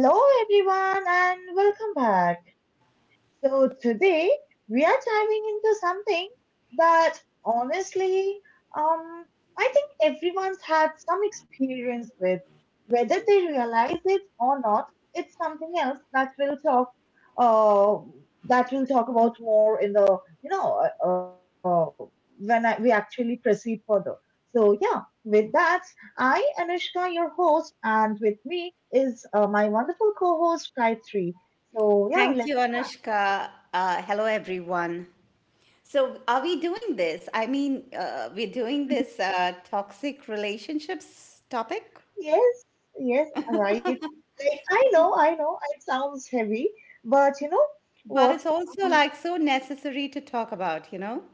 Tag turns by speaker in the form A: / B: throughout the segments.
A: Hello everyone and welcome back. So today we are diving into something that honestly, um, I think everyone's had some experience with, whether they realize it or not. It's something else that uh, that we'll talk about more in the, we actually proceed further. So yeah, with that, I, Anushka, your host, and with me is my wonderful co-host, Gayatri. So yeah,
B: Thank
A: let's.
B: you, Anushka. Hello, everyone. So, are we doing this? We're doing this toxic relationships topic,
A: Yes, yes, right. Like I know, it sounds heavy, but you know
B: but
A: what?
B: it's also
A: Um,
B: like so necessary to talk about, you know?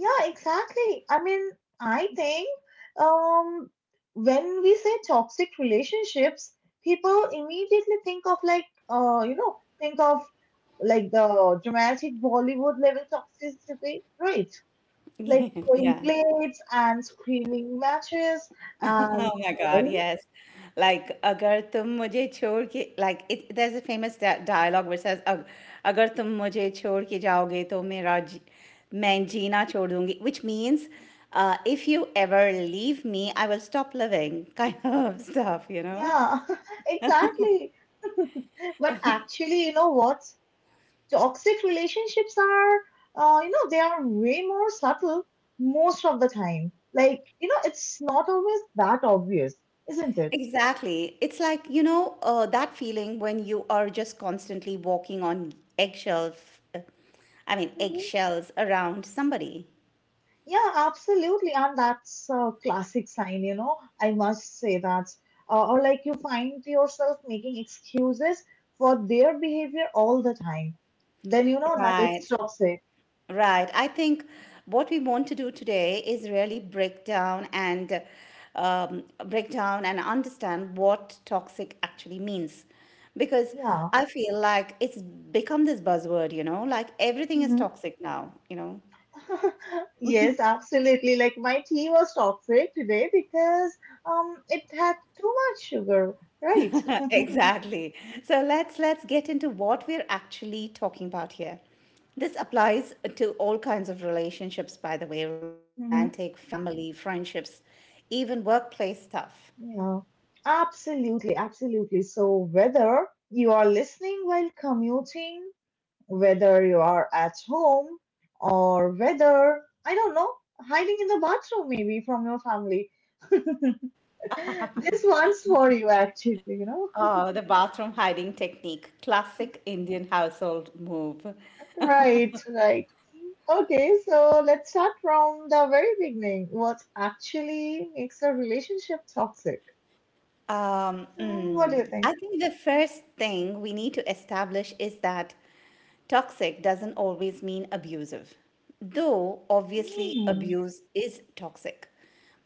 A: yeah, exactly. I mean, I think um when we say toxic relationships, people immediately think of like the dramatic Bollywood level toxicity, right? Like throwing
B: Yeah.
A: plates and screaming matches and.
B: Oh my God, yes. Like, अगर तुम मुझे छोड़ के like it, there's a famous dialogue which says "अग- अगर तुम मुझे छोड़ के जाओगे तो मेरा जी, मैं जीना छोड़ दूंगी," which means if you ever leave me I will stop living kind of stuff, you know.
A: Yeah, exactly. But actually, you know what? Toxic relationships they are way more subtle most of the time. Like, it's not always that obvious, isn't it?
B: Exactly. It's like, you know, that feeling when you are just constantly walking on eggshells, I mean,
A: Hmm.
B: eggshells around somebody.
A: Yeah, absolutely. And that's a classic sign, I must say that. Or like you find yourself making excuses for their behavior all the time. Then you know that it's
B: Right.
A: toxic.
B: Right. I think what we want to do today is really break down and understand what toxic actually means. Because
A: Yeah.
B: I feel like it's become this buzzword, you know, like everything is toxic now, you know.
A: Yes, absolutely. Like my tea was toxic today because it had too much sugar, right?
B: Exactly. So let's get into what we're actually talking about here. This applies to all kinds of relationships, by the way: romantic,
A: Hmm.
B: family, friendships, even workplace stuff.
A: Yeah, absolutely, absolutely. So whether you are listening while commuting, whether you are at home, or whether, I don't know, hiding in the bathroom maybe from your family, this one's for you actually.
B: Oh, the bathroom hiding technique, classic Indian household move.
A: Right, right. Okay, so let's start from the very beginning. What actually makes a relationship toxic? So, what do you
B: I
A: think?
B: think the first thing we need to establish is that toxic doesn't always mean abusive, though obviously
A: Hmm.
B: abuse is toxic.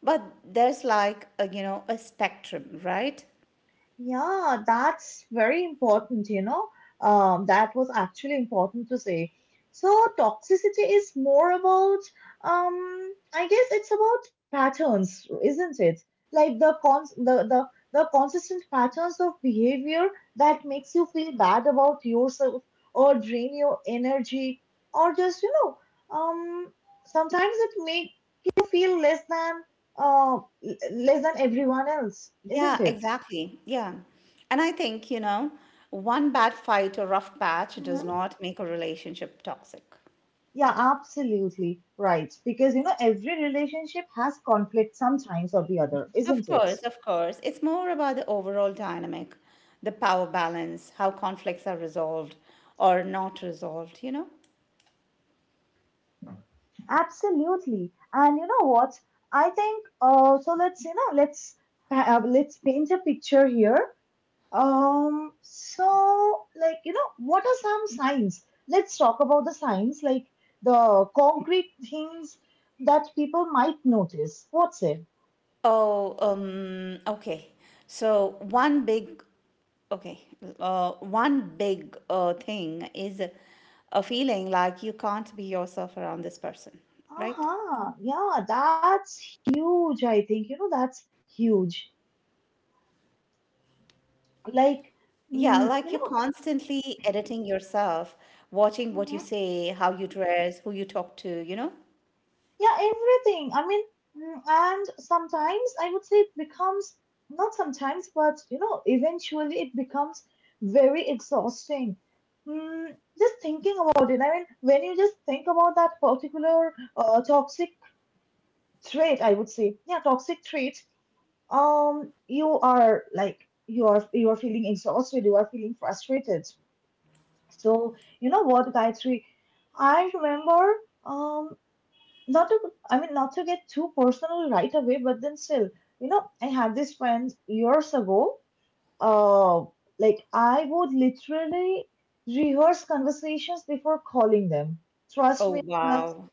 B: But there's like a, you know, a spectrum, right?
A: Yeah, that's very important. That was actually important to say. So toxicity is more about, I guess it's about patterns, isn't it? Like the consistent patterns of behavior that makes you feel bad about yourself or drain your energy or just, um, sometimes it make you feel less than everyone else,
B: Yeah,
A: isn't it?
B: exactly. Yeah. And I think, you know, one bad fight or rough patch does not make a relationship toxic.
A: Yeah, absolutely right. Because every relationship has conflict sometimes or the other,
B: Of
A: isn't it?
B: course, of course. It's more about the overall dynamic, the power balance, how conflicts are resolved or not resolved, you know?
A: Absolutely. And you know what? I think. Let's you know, let's paint a picture here. So, like what are some signs? Let's talk about the signs, like the concrete things that people might notice. What's it?
B: Oh, um, okay. So one big, okay, uh, one big uh, thing is a feeling like you can't be yourself around this person,
A: Uh
B: right?
A: huh. Yeah, that's huge. I think that's huge
B: Yeah, like
A: like
B: you're
A: mm, you
B: constantly
A: know
B: editing yourself, watching what you say, how you
A: hmm,
B: dress, who you talk to, you know?
A: yeah, everything I mean, and sometimes I would say it becomes, not sometimes but eventually it becomes very exhausting, mm, just thinking about it. I mean when you just think about that particular toxic trait, I would say, yeah, toxic trait, you are like you are feeling exhausted, you are feeling frustrated. So you know what, Gayatri? I remember, um not to, I mean not to get too personal right away, but then still, you know, I had this friend years ago. uh like I would literally rehearse conversations before calling them. Trust
B: Oh,
A: me on that.
B: wow.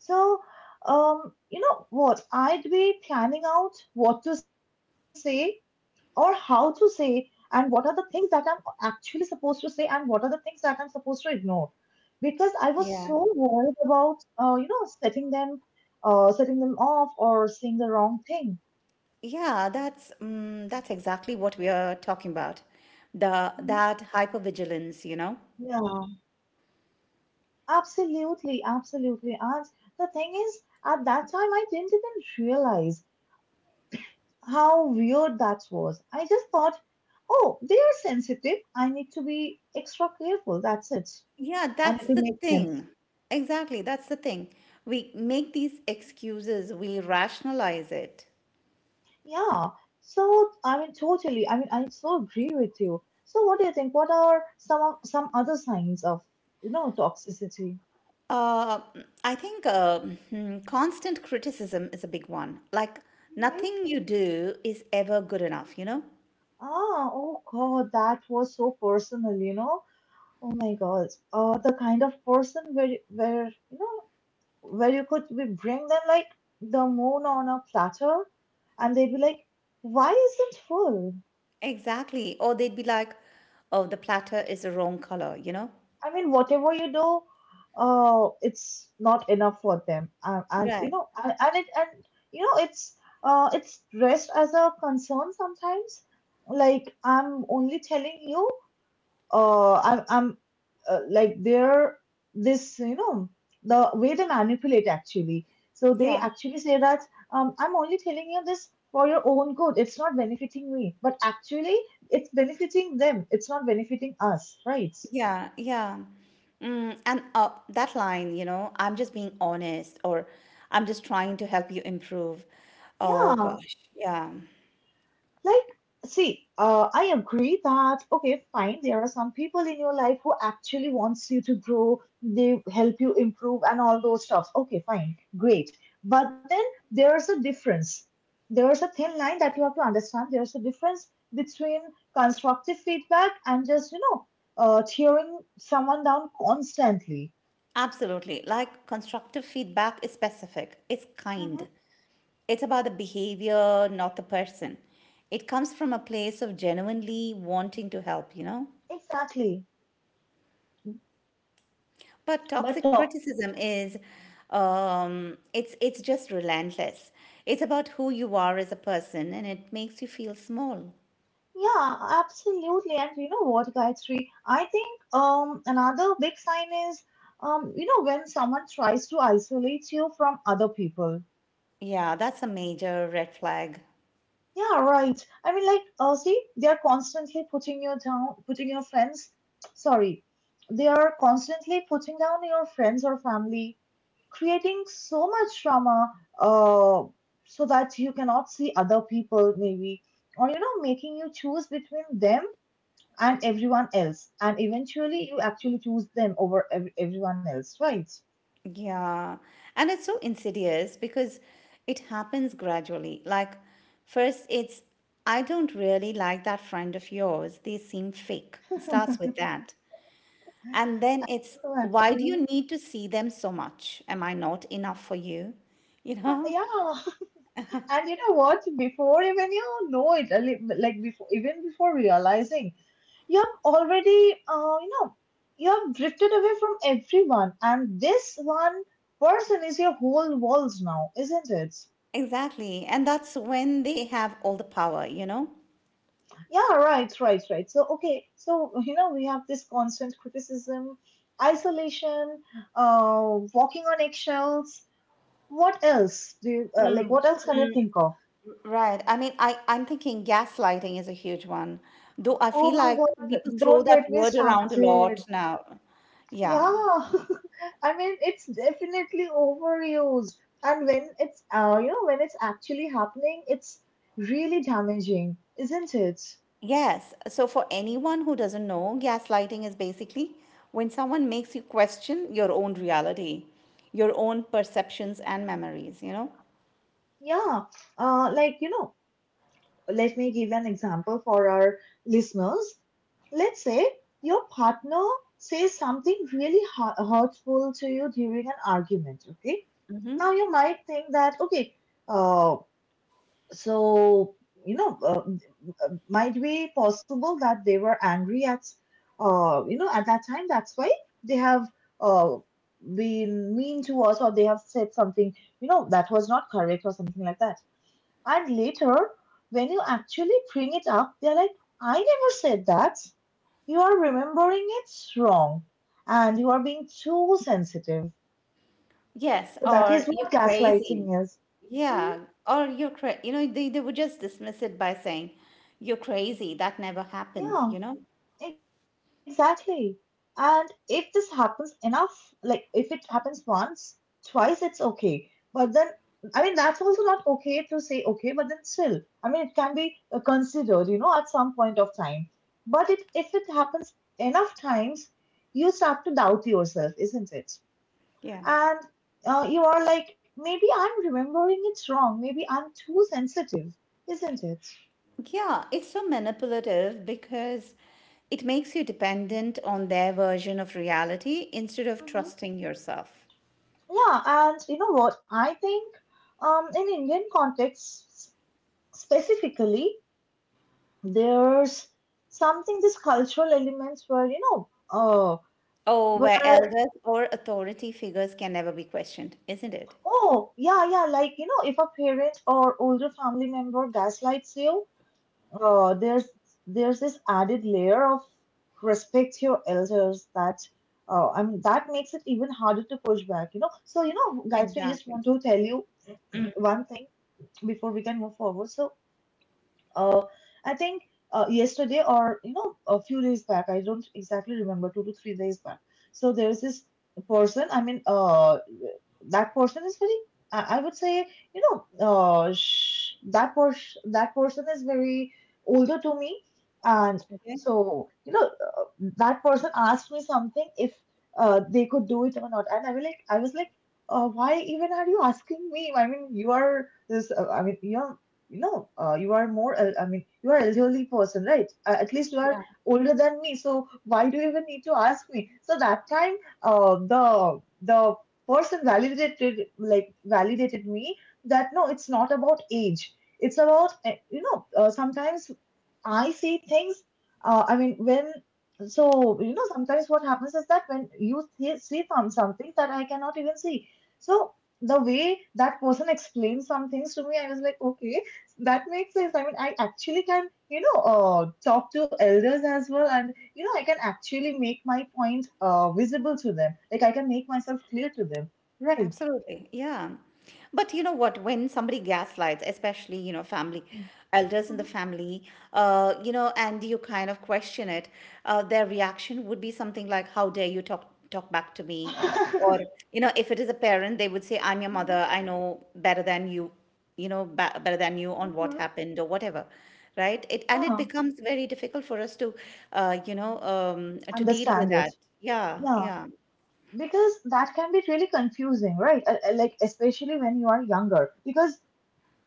A: So, you know what, I'd be planning out what to say or how to say and what are the things that I'm actually supposed to say and what are the things that I'm supposed to ignore, because I was
B: Yeah.
A: so worried about uh, you know setting them setting them off or saying the wrong thing.
B: Yeah, that's exactly what we are talking about. The
A: Mhm.
B: that hypervigilance, you know?
A: Yeah, absolutely, absolutely. And the thing is, at that time, I didn't even realize how weird that was. I just thought, oh, they are sensitive. I need to be extra careful. That's it.
B: Yeah,
A: And
B: that's
A: it will
B: the
A: make sense.
B: thing. Exactly, that's the thing. We make these excuses, we rationalize it.
A: Yeah, so I mean, totally. I mean, I so agree with you. So, what do you think? What are some of, some other signs of toxicity?
B: Uh, I think constant criticism is a big one. Like,
A: Mm-hmm.
B: nothing you do is ever good enough, you know?
A: Ah, oh God, that was so personal, you know. Oh my God, the kind of person where you know where you could be bring them like the moon on a platter, and they'd be like, "Why isn't full?"
B: Exactly. Or they'd be like, oh, the platter is the wrong color, you know?
A: I mean, whatever you do, it's not enough for them, and, and you
B: Right.
A: know, and, and it and you know, it's it's dressed as a concern sometimes. Like I'm only telling you, I'm like they're this, the way they manipulate actually. So they
B: Yeah.
A: actually say that, I'm only telling you this for your own good. It's not benefiting me, but actually, it's benefiting them. It's not benefiting us, right?
B: Yeah, yeah. Mm, and that line, you know, I'm just being honest, or I'm just trying to help you improve. Oh
A: Yeah,
B: gosh, yeah.
A: like, see, I agree that, okay, fine, there are some people in your life who actually wants you to grow, they help you improve and all those stuff. Okay, fine, great. But then there's a difference. There's a thin line that you have to understand. There's a difference between constructive feedback and just, tearing someone down constantly.
B: Absolutely. Like constructive feedback is specific, it's
A: Hmm.
B: kind. It's about the behavior, not the person. It comes from a place of genuinely wanting to help, you know?
A: Exactly.
B: But
A: But
B: toxic
A: to.
B: criticism is it's just relentless. It's about who you are as a person, and it makes you feel small.
A: Yeah, absolutely. And you know what, Gayatri? I think another big sign is, you know, when someone tries to isolate you from other people.
B: Yeah, that's a major red flag.
A: Yeah, right. I mean, like, see, they are constantly putting you down, putting your friends. Sorry, they are constantly putting down your friends or family, creating so much drama, uh, so that you cannot see other people maybe, or you know, making you choose between them and everyone else. And eventually, you actually choose them over everyone else, right?
B: Yeah. And it's so insidious because it happens gradually. Like, first, it's, I don't really like that friend of yours. They seem fake. It starts with that. And then it's,
A: So
B: why do you
A: actually,
B: need to see them so much? Am I not enough for you? You know?
A: yeah. And you know what? Before even you know it, like before, even before realizing, you have already, you know, you have drifted away from everyone, and this one person is your whole world now, isn't it?
B: Exactly. And that's when they have all the power, you know?
A: Yeah, right, right, right. So, okay, so you know, we have this constant criticism, isolation, walking on eggshells. What else do you, like? What else can you think of?
B: Right. I'm thinking gaslighting is a huge one, though I feel
A: Oh my
B: like
A: God,
B: people throw
A: don't
B: that
A: get me
B: word around a lot
A: started.
B: now.
A: Yeah,
B: Yeah.
A: I mean, it's definitely overused. And when it's, you know, when it's actually happening, it's really damaging, isn't it?
B: Yes. So, for anyone who doesn't know, gaslighting is basically when someone makes you question your own reality, your own perceptions and memories, you know?
A: Yeah, like, you know, let me give an example for our listeners. Let's say your partner says something really hurtful to you during an argument, okay?
B: Hmm.
A: Now you might think that, okay, uh, so, might be possible that they were angry at, you know, at that time. That's why they have uh, been mean to us, or they have said something, you know, that was not correct or something like that. And later, when you actually bring it up, they're like, I never said that. You are remembering it wrong and you are being too sensitive.
B: Yes.
A: So that
B: Or
A: is
B: you're
A: what
B: crazy.
A: gaslighting is. Mhm.
B: Yeah, or you're cra you know, they would just dismiss it by saying, you're crazy, that never happened, you know?
A: Yeah. Exactly. And if this happens enough, like if it happens once, twice, it's okay. But then, I mean, that's also not okay to say okay, but then still, I mean, it can be considered, you know, at some point of time. But it, if it happens enough times, you start to doubt yourself, isn't it?
B: Yeah.
A: And, you are like, maybe I'm remembering it wrong. Maybe I'm too sensitive, isn't it?
B: Yeah, it's so manipulative because it makes you dependent on their version of reality instead of trusting yourself.
A: Yeah, and you know what? I think, in Indian contexts specifically, there's something this cultural elements where you know,
B: Oh, where
A: where
B: elders or authority figures can never be questioned, isn't it?
A: oh, yeah, yeah, like you know, if a parent or older family member gaslights you, uh, there's there's this added layer of respect to your elders that. I mean that makes it even harder to push back, you know. So you know, Gayatri, I just
B: Exactly.
A: want to tell you one thing before we can move forward. So. Uh, I think yesterday or you know a few days back, I don't exactly remember, 2 to 3 days back. So there's this person. I mean, that person is very. I would say, you know, that person is very older to me, and
B: Okay.
A: so you know, that person asked me something if they could do it or not, and I was like, why even are you asking me? I mean, you are this. I mean, you no, you are more I mean you are elderly person, right? At least you are
B: Yeah.
A: older than me, so why do you even need to ask me? So that time, the person validated, like validated me, that no, it's not about age, it's about, you know, sometimes I see things. I mean, when, so you know, sometimes what happens is that when you see, see from something that I cannot even see. So the way that person explained some things to me, I was like, okay, that makes sense. I mean, I actually can, you know, talk to elders as well, and you know, I can actually make my point, visible to them. Like I can make myself clear to them, right?
B: Absolutely. Yeah. But you know what? When somebody gaslights, especially, you know, family, elders in the
A: Mhm.
B: family, you know, and you kind of question it, their reaction would be something like, how dare you talk back to me? Or, you know, if it is a parent, they would say, I'm your
A: Mhm.
B: mother, I know better than you, you know, better than you on what
A: Mhm.
B: happened or whatever. Right? It
A: Yeah,
B: becomes very difficult for us to to deal with
A: understand it.
B: that. Yeah,
A: Yeah,
B: yeah.
A: because that can be really confusing, right? Like especially when you are younger, because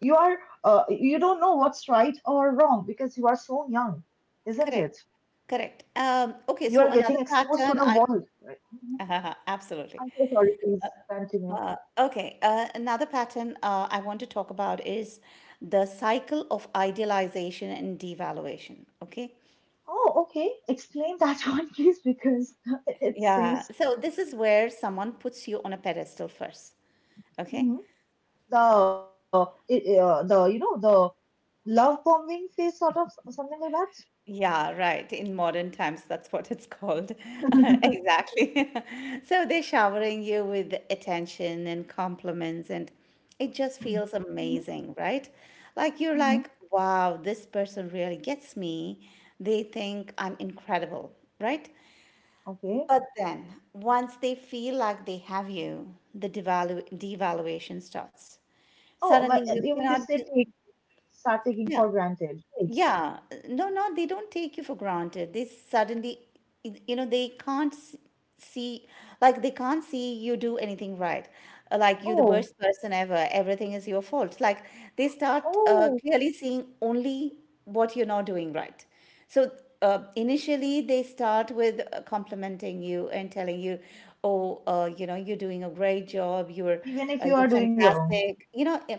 A: you are you don't know what's right or wrong because you are so young, isn't it?
B: Correct. Correct.
A: You are
B: Okay,
A: getting
B: so another
A: exposed to the
B: pattern
A: world,
B: I
A: right? Mhm. I'm
B: absolutely.
A: so sorry, please continue.
B: Okay, another pattern I want to talk about is the cycle of idealization and devaluation. Okay.
A: Oh okay, explain that one please, because it
B: Yeah.
A: seems.
B: So this is where someone puts you on a pedestal first. Okay.
A: Mhm. the it, the you know the love bombing phase, sort of something like that.
B: Yeah, right. In modern times, that's what it's called.
A: Mm-hmm.
B: Exactly. So they're showering you with attention and compliments, and it just feels amazing, right? Like you're
A: Mm-hmm.
B: like, wow, this person really gets me. They think I'm incredible, right?
A: Okay.
B: But then once they feel like they have you, the devaluation starts.
A: Oh
B: Suddenly
A: my,
B: you
A: you mean to
B: cannot do,
A: say start taking
B: yeah.
A: for granted. Right.
B: Yeah, no, no, they don't take you for granted. They suddenly, you know, they can't s- see, like, they can't see you do anything right. Like, you're the
A: Oh,
B: worst person ever. Everything is your fault. Like, they start
A: oh,
B: clearly seeing only what you're not doing right. So initially, they start with complimenting you and telling you, "Oh, you know, you're doing a great job. You're
A: even if
B: uh,
A: you
B: you're
A: are doing wrong.
B: fantastic." You know,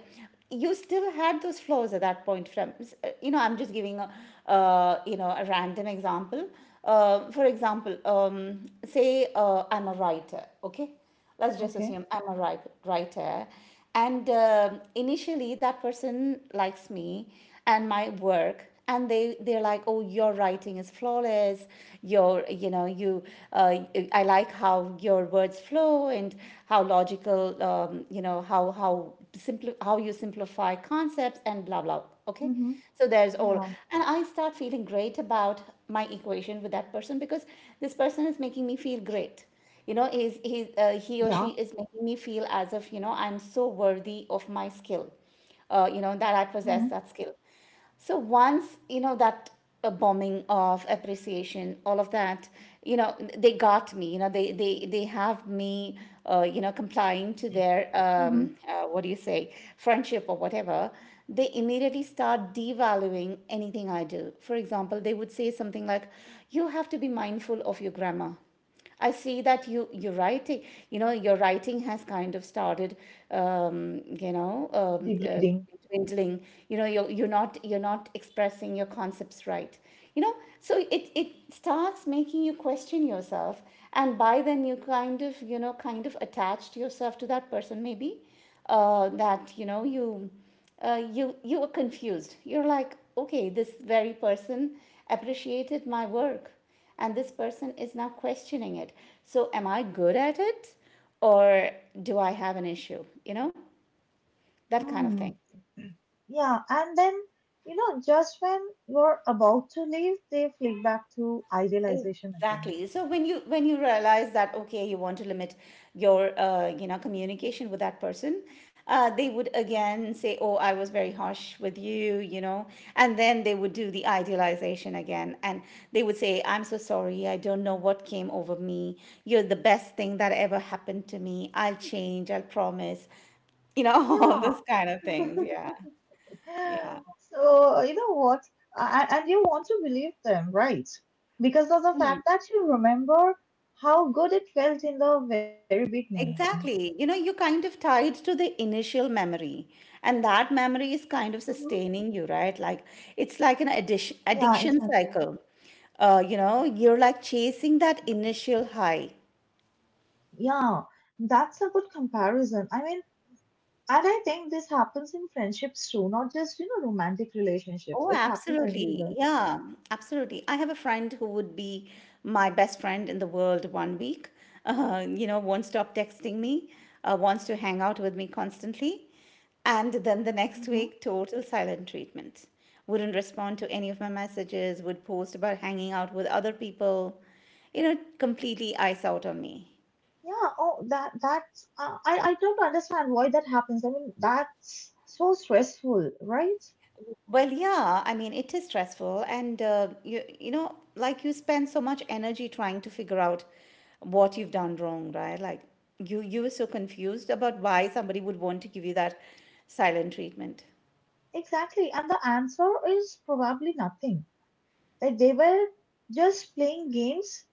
B: you still had those flaws at that point. You know, I'm just giving a you know, a random example. For example, say I'm a writer. Okay, let's just
A: Okay.
B: assume I'm a writer. And initially that person likes me and my work, and they're like, oh, your writing is flawless, your you know you uh, I like how your words flow, and how logical, you know, how how you simplify concepts
A: Mm-hmm.
B: and blah blah, okay.
A: Yeah,
B: So there's all, and I start feeling great about my equation with that person, because this person is making me feel great. You know,
A: yeah.
B: he or she is making me feel as if, you know, I'm so worthy of my skill, you know, that I
A: Mm-hmm.
B: possess that skill. So once you know that bombing of appreciation, all of that, you know, they got me, you know, they have me, you know, complying to their
A: Mm-hmm.
B: what do you say, friendship or whatever, they immediately start devaluing anything I do. For example, they would say something like, you have to be mindful of your grammar. I see that you're writing. You know, your writing has kind of started, Um, you know, um, uh,
A: Degrading.
B: dwindling. You know, you're not expressing your concepts right. You know, so it starts making you question yourself, and by then you kind of, you know, kind of attached yourself to that person, maybe, that you know you were confused. You're like, okay, this very person appreciated my work, and this person is now questioning it, so am I good at it, or do I have an issue, you know, that kind of thing.
A: Mm. Yeah, and then, you know, just when you're about to leave, they flick back to idealization again.
B: Exactly. So when you realize that, okay, you want to limit your you know, communication with that person, they would again say, "Oh, I was very harsh with you," you know, and then they would do the idealization again, and they would say, "I'm so sorry. I don't know what came over me. You're the best thing that ever happened to me. I'll change. I'll promise." You know, all
A: Yeah.
B: those kind of things. Yeah. Yeah.
A: So, you know what? And you want to believe them, right? Because of the fact that you remember how good it felt in the very beginning.
B: Exactly. You know, you're kind of tied to the initial memory, and that memory is kind of
A: Hmm.
B: sustaining you, right? Like, it's like an addiction
A: Yeah,
B: addiction
A: exactly.
B: cycle. You know, you're like chasing that initial high.
A: Yeah, that's a good comparison. I mean, and I think this happens in friendships too, not just, you know, romantic relationships.
B: Oh,
A: It happens
B: absolutely.
A: everywhere.
B: Yeah, absolutely. I have a friend who would be my best friend in the world one week, you know, won't stop texting me, wants to hang out with me constantly. And then the next
A: Hmm.
B: week, total silent treatment. Wouldn't respond to any of my messages, would post about hanging out with other people, you know, completely ice out on me.
A: Yeah, oh, that's I don't understand why that happens. I mean, that's so stressful, right?
B: Well, yeah, I mean, it is stressful, and you know, like, you spend so much energy trying to figure out what you've done wrong, right? Like, you were so confused about why somebody would want to give you that silent treatment.
A: Exactly. And the answer is probably nothing. Like they were just playing games,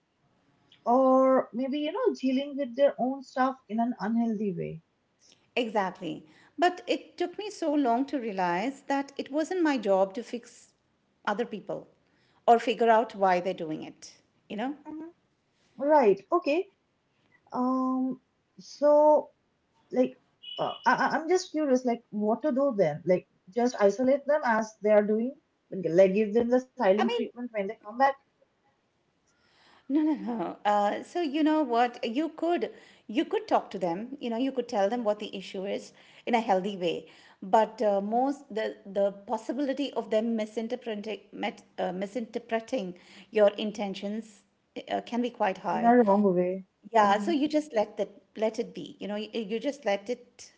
A: or maybe, you know, dealing with their own stuff in an unhealthy way.
B: Exactly. But it took me so long to realize that it wasn't my job to fix other people or figure out why they're doing it, you know?
A: Hmm. Right. Okay. Um, so like I'm just curious, like what to do then? Like just isolate them as they are doing, like give them the silent
B: I mean,
A: treatment when they come back
B: no, no, no. So you know what? You could talk to them. You know, you could tell them what the issue is in a healthy way. But most, the possibility of them misinterpreting your intentions can be quite
A: in
B: high.
A: a wrong way.
B: Yeah,
A: Hmm.
B: so you just let that let it be. You know, you just let it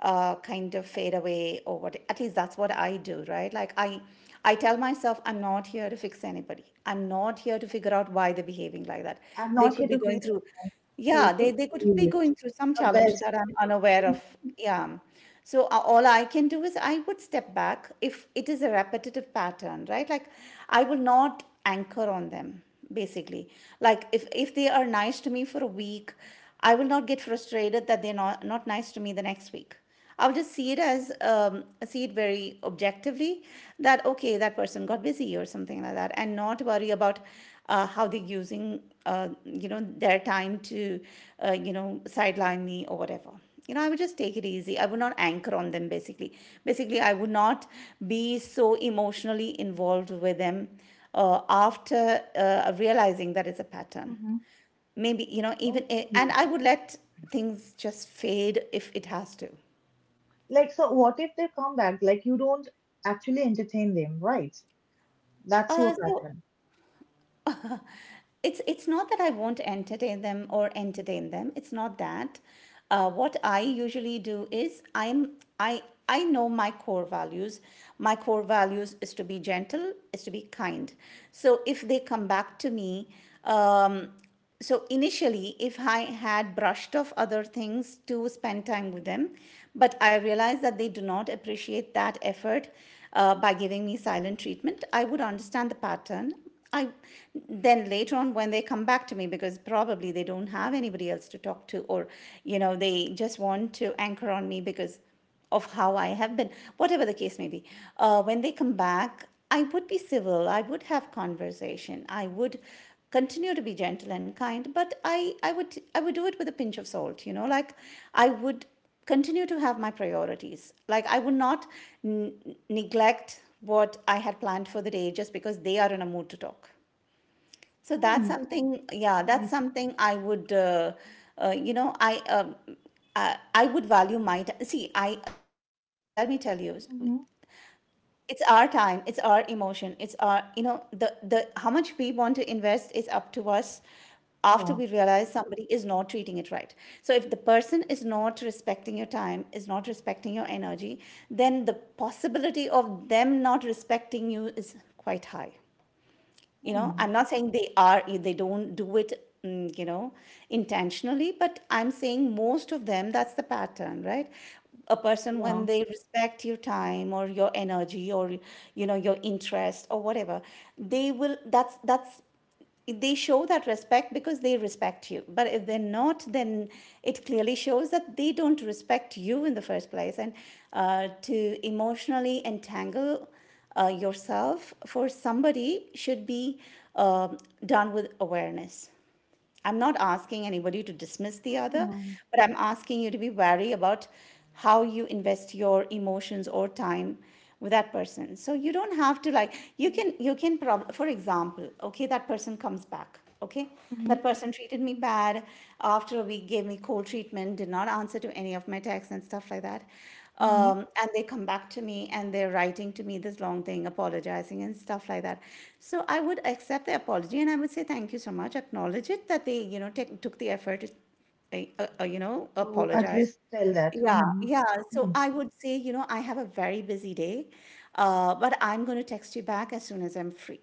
B: kind of fade away, or what at least that's what I do, right? Like I tell myself I'm not here to fix anybody. I'm not here to figure out why they're behaving like that.
A: I'm
B: They
A: not here
B: could be
A: to please.
B: going through.
A: I'm
B: Yeah, they
A: taking
B: they could be
A: you.
B: going through some
A: The
B: challenges
A: best.
B: that I'm unaware of. Yeah. So all I can do is I would step back if it is a repetitive pattern, right? Like I will not anchor on them basically, like if they are nice to me for a week, I will not get frustrated that they're not nice to me the next week. I'll just see it very objectively that okay, that person got busy or something like that, and not worry about how they're using their time to sideline me or whatever. You know I would just take it easy. I would not anchor on them basically. I would not be so emotionally involved with them after realizing that it's a pattern.
A: Hmm.
B: Maybe, even, and
A: Okay.
B: I would let things just fade if it has to.
A: Like, so what if they come back? Like, you don't actually entertain them, right? That's your
B: So
A: pattern.
B: it's not that I won't entertain them or entertain them. It's not that. What I usually do is I I know my core values. My core values is to be gentle, is to be kind. So if they come back to me, um, so initially if I had brushed off other things to spend time with them, but I realized that they do not appreciate that effort, by giving me silent treatment, I would understand the pattern. I Then later on when they come back to me, because probably they don't have anybody else to talk to, or they just want to anchor on me because of how I have been, whatever the case may be. When they come back, I would be civil, I would have conversation, I would continue to be gentle and kind, but I would do it with a pinch of salt, like I would continue to have my priorities. Like I would not n- neglect what I had planned for the day just because they are in a mood to talk. So
A: Hmm.
B: that's
A: Okay.
B: something, yeah,
A: Nice.
B: that's something I would, uh, you know, I, um, I would value my time. See, I let me tell you,
A: Mm-hmm.
B: it's our time, it's our emotion, it's our, the how much we want to invest is up to us, after we
A: Yeah.
B: realize somebody is not treating it right. So if the person is not respecting your time, is not respecting your energy, then the possibility of them not respecting you is quite high. You know I'm
A: Hmm.
B: not saying they don't do it mm, you know intentionally, but I'm saying most of them, that's the pattern, right? A person, when
A: Yeah.
B: they respect your time or your energy or your interest or whatever, they will that's they show that respect because they respect you. But if they're not, then it clearly shows that they don't respect you in the first place. And to emotionally entangle yourself for somebody should be um done with awareness. I'm not asking anybody to dismiss the other,
A: Hmm.
B: but I'm asking you to be wary about how you invest your emotions or time with that person. So you don't have to, like,
A: Okay.
B: for example, okay, that person comes back, okay?
A: Mm-hmm.
B: That person treated me bad, after a week gave me cold treatment, did not answer to any of my texts and stuff like that,
A: Mm-hmm.
B: and they come back to me and they're writing to me this long thing apologizing and stuff like that. So I would accept the apology, and I would say thank you so much, acknowledge it that they you know take, took the effort to
A: To at
B: apologize.
A: least tell that.
B: Yeah,
A: Mm-hmm.
B: yeah. So
A: Hmm.
B: I would say, I have a very busy day, but I'm going to text you back as soon as I'm free.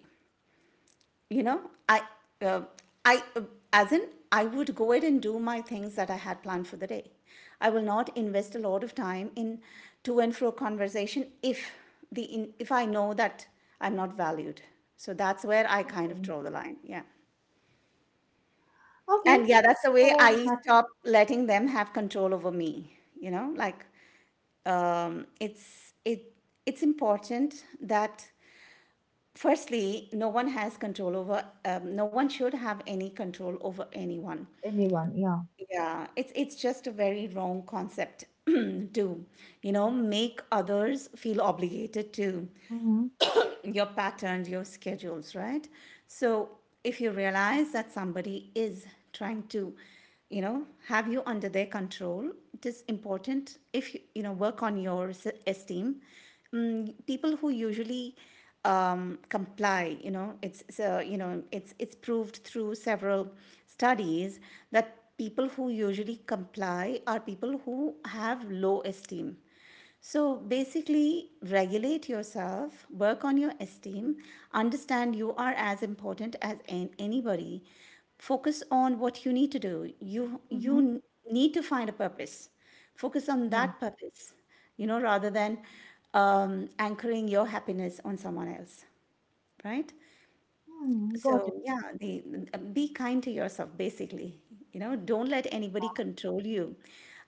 B: You know I uh, I as in I would go ahead and do my things that I had planned for the day. I will not invest a lot of time in to and fro conversation if I know that I'm not valued. So that's where I kind of
A: Okay.
B: draw the line, yeah.
A: Okay.
B: And yeah, that's the
A: So
B: way
A: that
B: I
A: was
B: stop letting them have control over me. you know like um, it's it it's important that, firstly, no one has control over, no one should have any control over anyone.
A: anyone. Yeah.
B: Yeah, it's just a very wrong concept to make others feel obligated to
A: Mm-hmm.
B: your patterns, your schedules, right? So if you realize that somebody is trying to, have you under their control, it is important if you work on your esteem. People who usually comply, so it's proved through several studies that people who usually comply are people who have low esteem. So basically, regulate yourself, work on your esteem, understand you are as important as anybody. Focus on what you need to do. You
A: Mm-hmm.
B: you need to find a purpose. Focus on
A: Yeah.
B: that purpose, rather than anchoring your happiness on someone else, right?
A: Hmm. Got it.
B: So yeah, be kind to yourself, basically. You know, don't let anybody control you.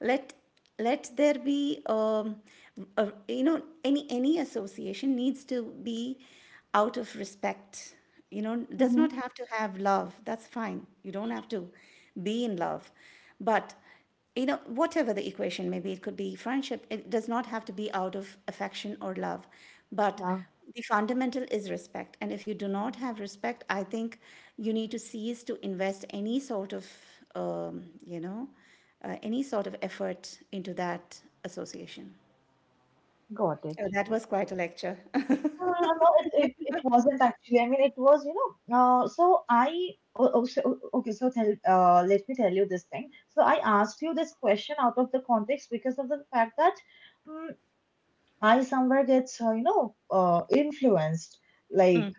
B: Let let there be, a, you know any association needs to be out of respect. You know, does
A: Mm-hmm.
B: not have to have love. That's fine. You don't have to be in love, but you know, whatever the equation may be, it could be friendship, it does not have to be out of affection or love. But
A: Yeah.
B: the fundamental is respect. And if you do not have respect, I think you need to cease to invest any sort of, um, you know, any sort of effort into that association.
A: Got it.
B: Oh, that was
A: Okay.
B: quite a lecture.
A: No, no, no, it wasn't actually. I mean, it was, you know, so I, oh, oh, so, oh, okay, so let me tell you this thing. So I asked you this question out of the context because of the fact that mm I somewhere get, influenced. Like,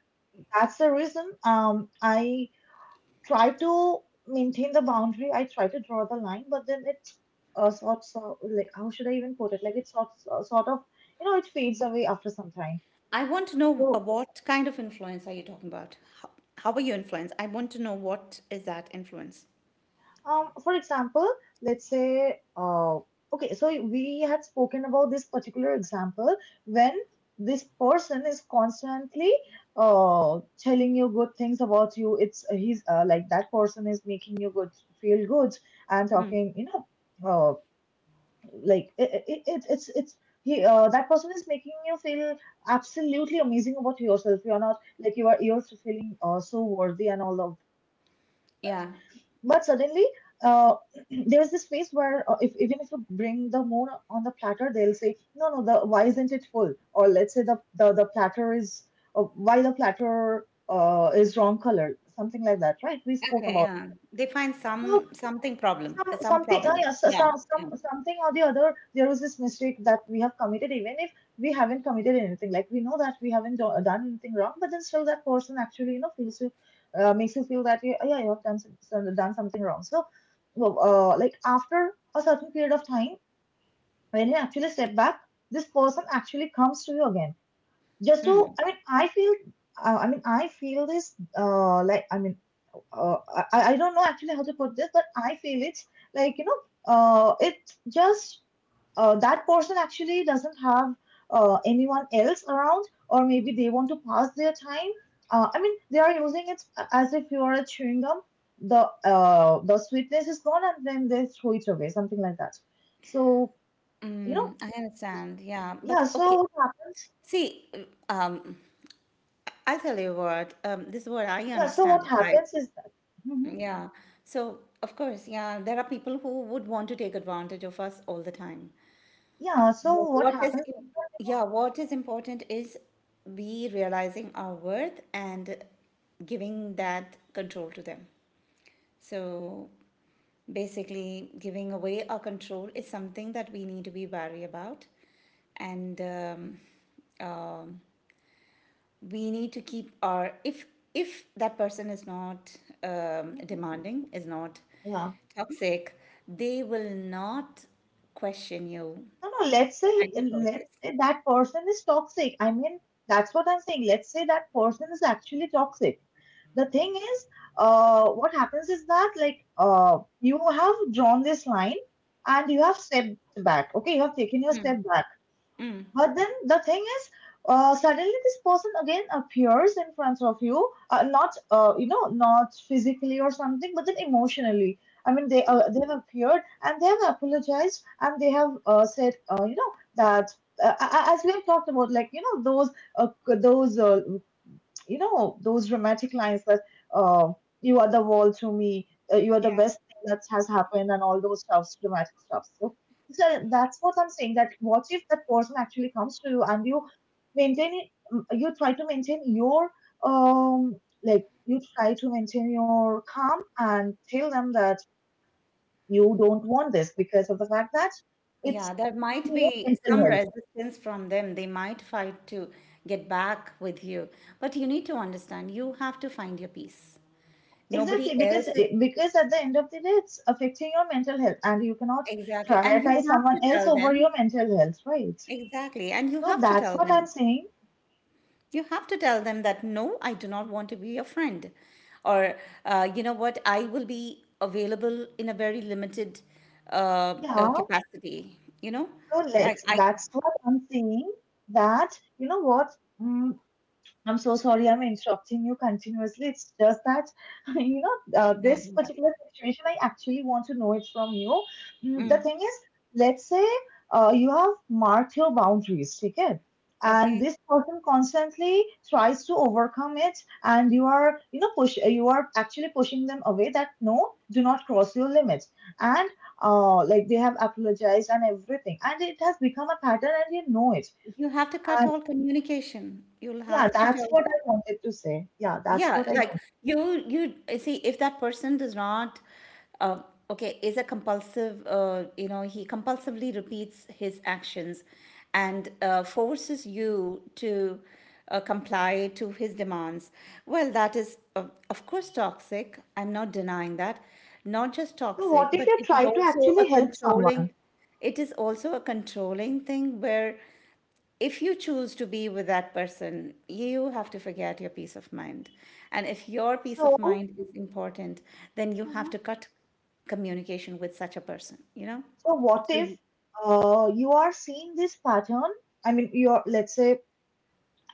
A: that's the reason I try to maintain the boundary. I try to draw the line, but then it sorts of, like, how should I even put it? Like, sort of, you know, it fades away after some time.
B: I want to know
A: So
B: what kind of influence are you talking about? How, how were you influenced? I want to know, what is that influence?
A: For example, let's say, okay, so we had spoken about this particular example when this person is constantly telling you good things about you. It's he's Like that person is making you good feel good and
B: Mm.
A: talking, you know, uh, like it's he that person is making you feel absolutely amazing about yourself. You're not like you are you're feeling so worthy and all of that, but
B: Yeah.
A: suddenly uh, there is this phase where if even if you bring the more on the platter, they'll say no no the why isn't it full, or let's say the platter is why the platter is wrong color, something like that, right? We spoke
B: Okay,
A: about
B: yeah. They find some something problem,
A: some
B: some
A: something
B: problem. Yeah, yeah.
A: something or the other there is this mistake that we have committed, even if we haven't committed anything. Like we know that we haven't done anything wrong, but then still that person actually you know feels you makes you feel that you, "Oh, yeah, you have done done something wrong." So well, like after a certain period of time, when you actually step back, this person actually comes to you again just to
B: Mm,
A: I feel this, uh, I don't know actually how to put this, but I feel it's like, you know, it's just that person actually doesn't have anyone else around, or maybe they want to pass their time. I mean, they are using it as if you are a chewing gum. The the sweetness is gone, and then they throw it away, something like that. So you know,
B: mm, I understand. Yeah, but
A: yeah.
B: okay.
A: So what happens?
B: See, um, I'll tell you what. This is what I
A: Yeah. So what
B: understand, right?
A: happens is that? Hmm.
B: Yeah. So of course, yeah, there are people who would want to take advantage of us all the time.
A: Yeah. So what
B: What is,
A: happens?
B: im- yeah, what is important is we realizing our worth and giving that control to them. So basically, giving away our control is something that we need to be wary about. And um, we need to keep our, if, that person is not
A: Hmm.
B: demanding, is not
A: Yeah.
B: toxic, they will not question you
A: No, no, let's say,
B: and your choices.
A: let's say that person is toxic. I mean, that's what I'm saying. Let's say that person is actually toxic. The thing is, what happens is that like you have drawn this line and you have stepped back. Okay, you have taken your step back. But then the thing is, suddenly this person again appears in front of you, not you know, not physically or something, but then emotionally. I mean, they have appeared and they have apologized and they have said, you know, that as we have talked about, like you know, those those you know those romantic lines that uh, you are the world to me, you are the
B: Yeah.
A: best thing that has happened and all those stuffs dramatic stuff. So, so that's what I'm saying, that what if that person actually comes to you and you maintain it, mm, you try to maintain your um, like you try to maintain your calm and tell them that you don't want this because of the fact that it's
B: Yeah, there might
A: affecting your
B: be some
A: mental health.
B: resistance from them. They might fight to get back with you. But you need to understand, you have to find your peace. Nobody
A: Exactly, because
B: else is.
A: because at the end of the day, it's affecting your mental health, and you cannot
B: Exactly. And you
A: prioritize
B: have
A: someone
B: to
A: else
B: tell
A: over your
B: them,
A: mental health, right?
B: exactly. And you
A: So
B: have to
A: that's
B: tell
A: what I'm
B: them,
A: saying.
B: you have to tell them, that no, I do not want to be your friend. Or, you know what, I will be available in a very limited
A: Yeah.
B: capacity, you know?
A: So
B: Like,
A: let's.
B: I,
A: That's what I'm saying. That you know what? Hmm, I'm so sorry I'm interrupting you continuously. It's just that, you know,
B: no,
A: this
B: no.
A: particular situation, I actually want to know it from you.
B: No."
A: Mm, the
B: Mm,
A: thing is, let's say you have marked your boundaries, okay? And
B: okay.
A: this person constantly tries to overcome it, and you are, you know, you are actually pushing them away that no, do not cross your limit. And like they have apologized and everything, and it has become a pattern, and you know it.
B: You have to cut all communication. You'll
A: Yeah,
B: have to
A: that's
B: tell,
A: what I wanted to say. Yeah, that's
B: yeah,
A: what I.
B: like you see, if that person does not, uh, okay, is a compulsive, he compulsively repeats his actions and forces you to comply to his demands. Well, that is, of course, toxic. I'm not denying that. Not just
A: So, what
B: toxic,
A: if
B: but
A: you
B: it is
A: try to
B: also a
A: actually help
B: controlling
A: someone?
B: it is also a controlling thing where, if you choose to be with that person, you have to forget your peace of mind. And if your peace of
A: So,
B: mind is important, then you have
A: Mhm.
B: to cut communication with such a person, you know?
A: So what
B: So
A: if
B: you,
A: you are seeing this pattern? I mean, you're let's say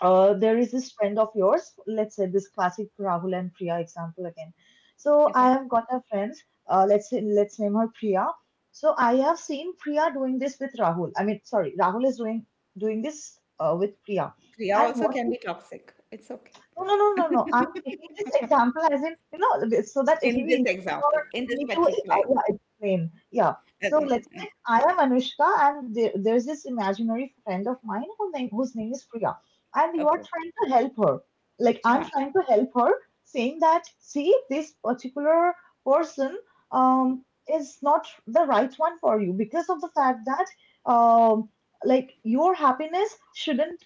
A: there is this friend of yours. Let's say this classic Rahul and Priya example again. So, I
B: okay.
A: have got a friend. Let's say let's name her Priya. So, I have seen Priya doing this with Rahul. I mean, sorry, Rahul is doing this with Priya.
B: Kriya
A: And
B: also
A: what.
B: can be toxic. It's okay.
A: No, no. I'm taking this example as in, you know, so that it'll
B: In
A: be
B: this
A: easy
B: example,
A: for
B: in this
A: me to
B: particular.
A: explain. Yeah.
B: Okay.
A: So
B: Okay.
A: let's say I am Anushka, and there's this imaginary friend of mine who name, whose name is Priya, and you are
B: Okay.
A: trying to help her. Like I'm
B: Yeah,
A: trying to help her, saying that see, this particular person um is not the right one for you because of the fact that um like your happiness shouldn't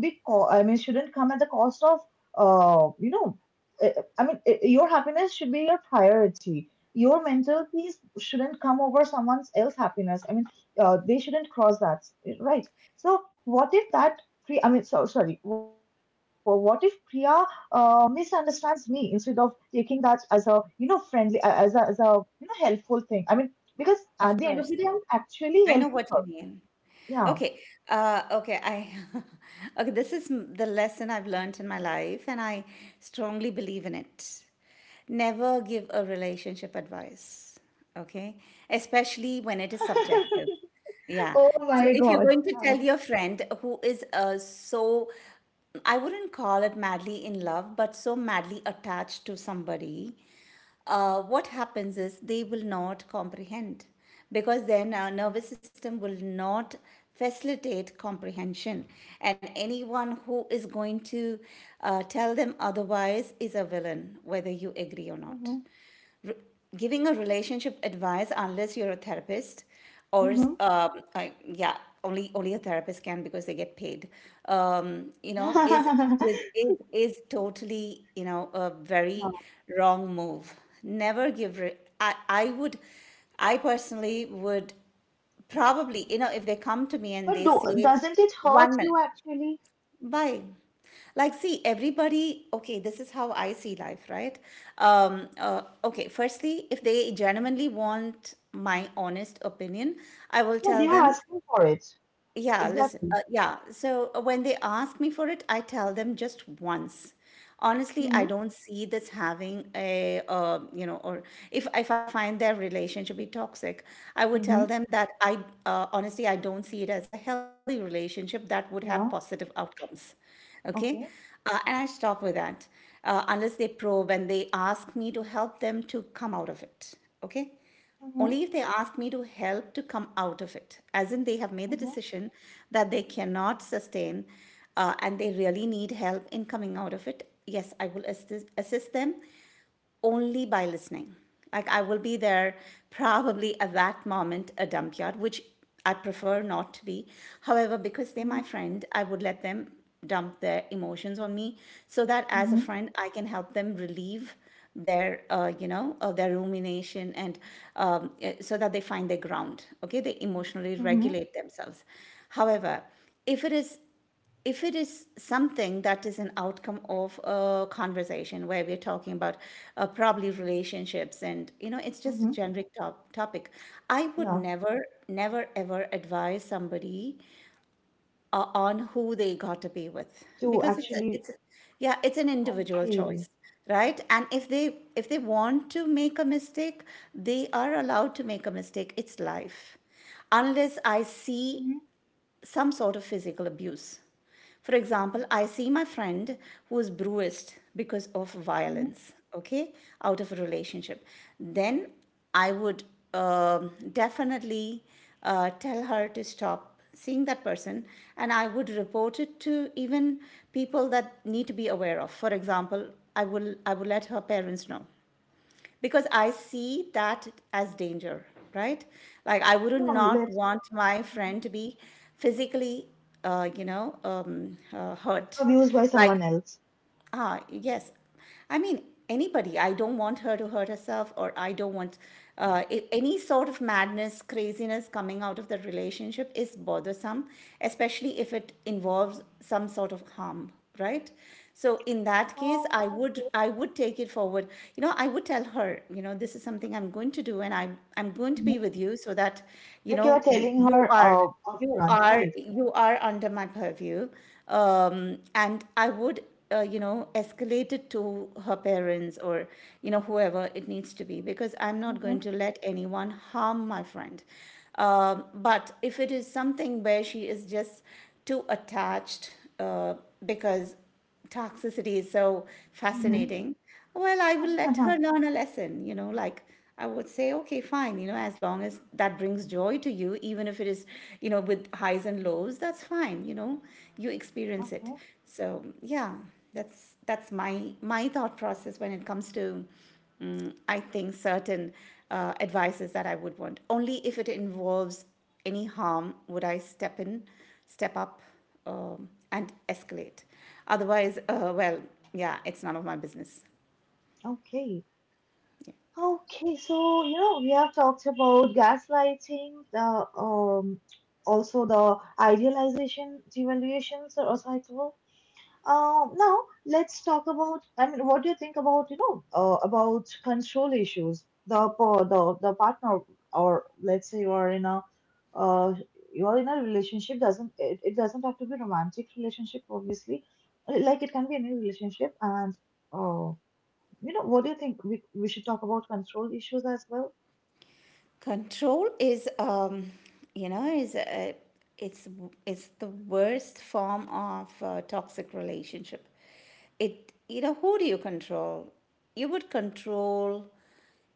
A: I mean shouldn't come at the cost of you know, I mean, your happiness should be your priority. Your mental peace shouldn't come over someone else's happiness. I mean, they shouldn't cross that, right? So, what if that? Priya, I mean, so sorry. What if Priya misunderstands me instead of taking that as a you know friendly, as a you know helpful thing? I mean, because at the
B: of
A: end of the
B: course.
A: day, I'm actually
B: I know
A: helping
B: what
A: her.
B: you mean.
A: Yeah.
B: Okay. Okay. I okay. This is the lesson I've learned in my life, and I strongly believe in it. Never give a relationship advice. Okay, especially when it is subjective. Yeah.
A: Oh
B: So
A: my
B: if you're
A: God.
B: going to
A: Yeah.
B: tell your friend who is I wouldn't call it madly in love, but so madly attached to somebody, what happens is they will not comprehend, because then our nervous system will not facilitate comprehension. And anyone who is going to tell them otherwise is a villain, whether you agree or not. Re- Giving a relationship advice unless you're a therapist or
A: Mm-hmm.
B: yeah, only a therapist can, because they get paid. You know, is
A: Mm-hmm.
B: is is is totally, you know, a very wrong move. Never give re- I, I would, I personally would probably, you know, if they come to me and
A: But
B: they say
A: doesn't it hurt
B: one minute,
A: you actually?
B: why? Like, see, everybody, okay, this is how I see life, right? Okay, firstly, if they genuinely want my honest opinion, I will
A: Yeah, they
B: tell
A: are
B: them.
A: asking for it.
B: Yeah, listen.
A: Exactly.
B: When they ask me for it, I tell them just once. Honestly, I
A: Mm-hmm.
B: don't see this having a, or if I find their relationship be toxic, I would tell
A: Mm-hmm.
B: them that honestly, I don't see it as a healthy relationship that would have
A: Yeah.
B: positive outcomes. Okay,
A: Okay.
B: and I stop with that, unless they probe and they ask me to help them to come out of it. Okay,
A: Mm-hmm.
B: only if they ask me to help to come out of it, as in they have made the
A: Mm-hmm.
B: decision that they cannot sustain, and they really need help in coming out of it. Yes, I will assist them, only by listening. Like, I will be there, probably at that moment a dump yard, which I prefer not to be. However, because they're my
A: Mm-hmm.
B: friend, I would let them dump their emotions on me, so that as a
A: Mm-hmm.
B: friend, I can help them relieve their their rumination, and so that they find their ground. Okay, they emotionally
A: Mm-hmm.
B: regulate themselves. However, if it is, if it is something that is an outcome of a conversation where we're talking about, probably, relationships, and you know, it's
A: Mm-hmm.
B: just a generic topic, I would
A: Yeah.
B: never, never ever advise somebody on who they got
A: To
B: to be with,
A: actually,
B: because yeah, it's
A: okay.
B: an individual choice, right? And if they, if they want to make a mistake, they are allowed to make a mistake. It's life, unless I
A: Mm-hmm.
B: see some sort of physical abuse. For example, I see my friend who is bruised because of
A: Mm-hmm.
B: violence, okay, out of a relationship. Then I would definitely tell her to stop seeing that person, and I would report it to even people that need to be aware of. For example, I would let her parents know, because I see that as danger, right? Like, I would
A: No,
B: not
A: let's
B: want my
A: mhm.
B: friend to be physically, hurt.
A: abused by
B: Like,
A: someone else.
B: ah, yes. I mean, anybody. I don't want her to hurt herself, or I don't want any sort of madness, craziness coming out of the relationship is bothersome, especially if it involves some sort of harm, right? So in that case, I would
A: Okay.
B: I would take it forward. You know, I would tell her, you know, this is something I'm going to do, and I'm going to be
A: Hmm.
B: with you so that, you
A: Like you are
B: know,
A: telling
B: you
A: her
B: are, you
A: upfront,
B: are
A: right?
B: you are under my purview, and I would, you know, escalate it to her parents, or, you know, whoever it needs to be, because I'm not going
A: Mm-hmm.
B: to let anyone harm my friend. But if it is something where she is just too attached, because toxicity is so
A: Mm-hmm.
B: fascinating, well, I will let her learn a lesson. You know, like, I would say, okay, fine, you know, as long as that brings joy to you, even if it is, you know, with highs and lows, that's fine, you know, you experience it.
A: Okay.
B: So yeah, that's my my thought process when it comes to, I think certain advices that I would want only if it involves any harm would I step in, step up, and escalate. Otherwise, yeah, it's none of my business.
A: Okay. Okay, so you know we have talked about gaslighting, the also the idealization, devaluation, so cycle. Now let's talk about. I mean, what do you think about you know about control issues? The the partner, or let's say you are in a uh, you are in a relationship, doesn't it, it doesn't have to be romantic relationship obviously, like it can be any relationship and uh. You know, what do you think? We should talk about control issues as well.
B: Control is, you know, is a, it's it's the worst form of toxic relationship. It, you know, who do you control? You would control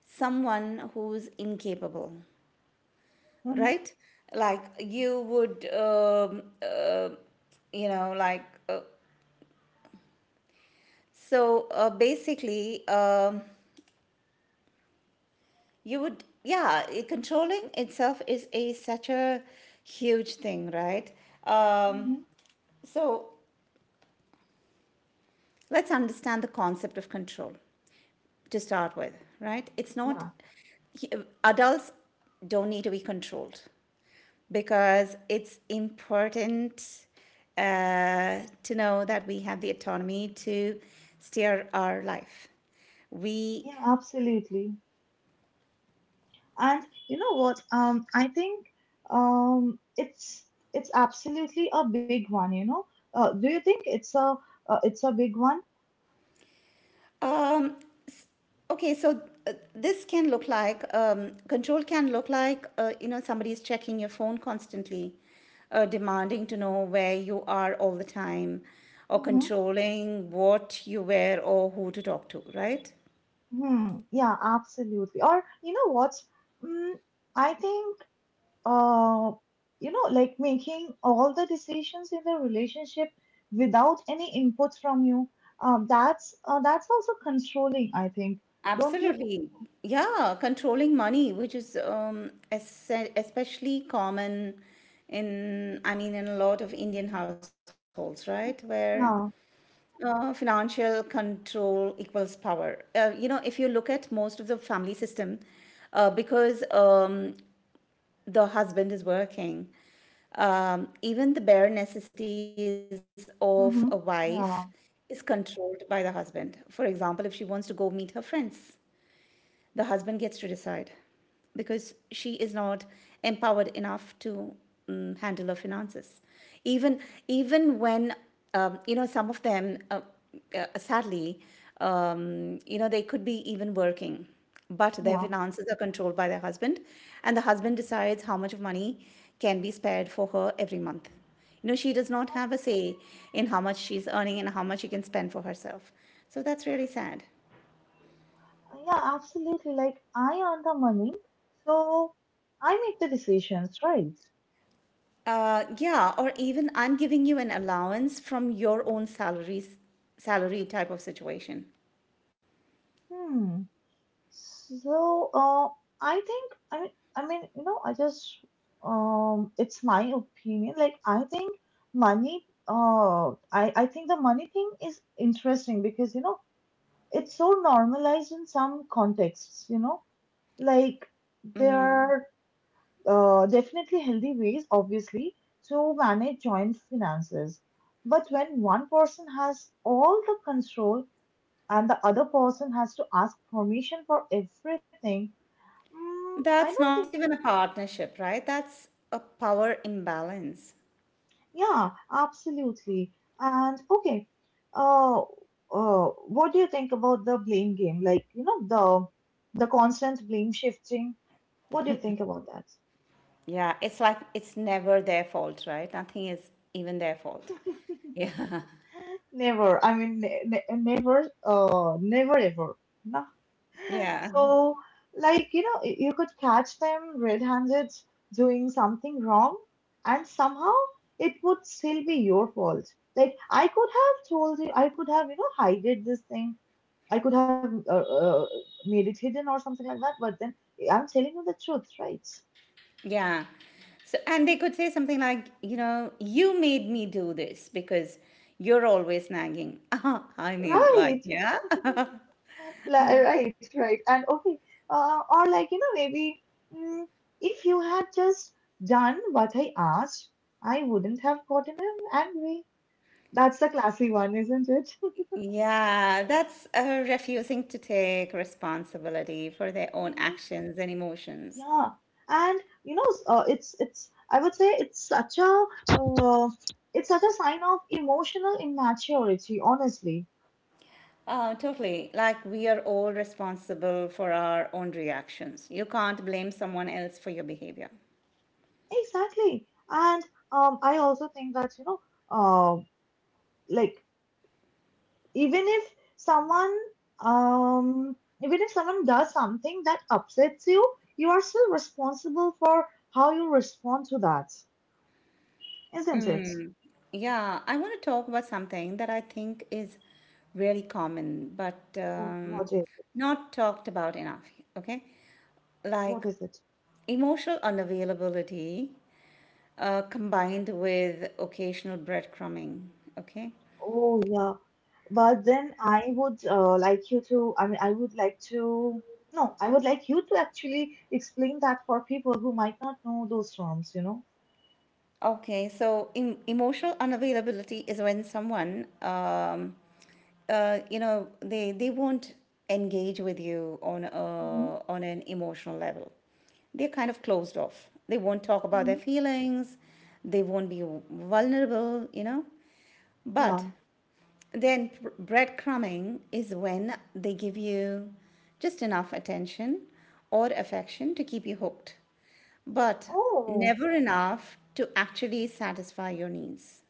B: someone who's incapable,
A: Mm-hmm.
B: right? Like, you would, you know, like uh, basically, You would, yeah, I- controlling itself is a such a huge thing, right? Um,
A: Mm-hmm.
B: so let's understand the concept of control to start with, right? It's not
A: Yeah,
B: he- adults don't need to be controlled, because it's important to know that we have the autonomy to steer our life. we
A: yeah, absolutely. And you know what? I think um, it's it's absolutely a big one. You know, do you think it's a big one?
B: Um, s- okay, so this can look like, control can look like, you know, somebody is checking your phone constantly, demanding to know where you are all the time, or
A: Mm-hmm.
B: controlling what you wear or who to talk to, right?
A: Hmm. Yeah, absolutely. Or you know what? Mm, I think uh, you know, like making all the decisions in the relationship without any input from you. That's that's also controlling, I think. Don't you think?
B: Absolutely. Yeah, controlling money, which is especially common in, I mean, in a lot of Indian households, right? Where
A: Yeah.
B: Financial control equals power. You know, if you look at most of the family system, because the husband is working, even the bare necessities of a wife
A: Mm-hmm.
B: is
A: Yeah.
B: controlled by the husband. For example, if she wants to go meet her friends, the husband gets to decide, because she is not empowered enough to, handle her finances, even, even when you know, some of them, sadly, you know, they could be even working, but their
A: Yeah.
B: finances are controlled by their husband, and the husband decides how much of money can be spared for her every month. You know, she does not have a say in how much she's earning and how much she can spend for herself. So that's really sad.
A: Yeah. Absolutely. Like I earn the money, so I make the decisions, right?
B: Yeah, or even I'm giving you an allowance from your own salary type of situation.
A: Hmm. So, I think I mean I mean you know I just it's my opinion. Like I think money I think the money thing is interesting because you know it's so normalized in some contexts, you know. Like there are definitely healthy ways obviously to manage joint finances. But when one person has all the control and the other person has to ask permission for everything, Mm, I
B: That's
A: don't
B: not
A: think it,
B: even a partnership, right? That's a power imbalance.
A: yeah, absolutely. And okay, uh, what do you think about the blame game? Like, you know, the constant blame shifting. What do you think about that?
B: Yeah, it's like, it's never their fault, right? Nothing is even their fault. Yeah,
A: Never. I mean, ne ne never. Never ever. No.
B: yeah,
A: So, like, you know, you could catch them red handed doing something wrong, and somehow it would still be your fault. Like, I could have told you, I could have, you know, hided this thing. I could have made it hidden or something like that, but then I'm telling you the truth, right?
B: yeah. So, and they could say something like, you know, you made me do this because you're always nagging. I mean, like,
A: Right,
B: yeah.
A: right, right. And okay, or like, you know, maybe mm, if you had just done what I asked, I wouldn't have gotten angry. That's the classy one, isn't it?
B: Yeah, that's refusing to take responsibility for their own
A: Mhm.
B: actions and emotions.
A: Yeah, and you know, it's. I would say uh, it's such a sign of emotional immaturity, honestly.
B: Totally. Like, we are all responsible for our own reactions. You can't blame someone else for your behavior.
A: Exactly, and I also think that you know, uh, like even if someone um, even if someone does something that upsets you, you are still responsible for how you respond to that, isn't it?
B: Yeah, I want to talk about something that I think is really common, but
A: Oh, what is it?
B: not talked about enough. Okay.
A: What
B: Like,
A: is it?
B: emotional unavailability combined with occasional breadcrumbing. Okay.
A: Oh yeah. But then I would like you to, I mean, I would like to, no, I would like you to actually explain that for people who might not know those terms, you know?
B: Okay, so emotional unavailability is when someone, you know, they won't engage with you on
A: Mm-hmm.
B: a, on an emotional level. They're kind of closed off. They won't talk about their
A: Mm-hmm.
B: feelings. They won't be vulnerable, you know. But
A: Yeah.
B: then breadcrumbing is when they give you just enough attention or affection to keep you hooked, but
A: Oh,
B: never enough to actually satisfy your needs.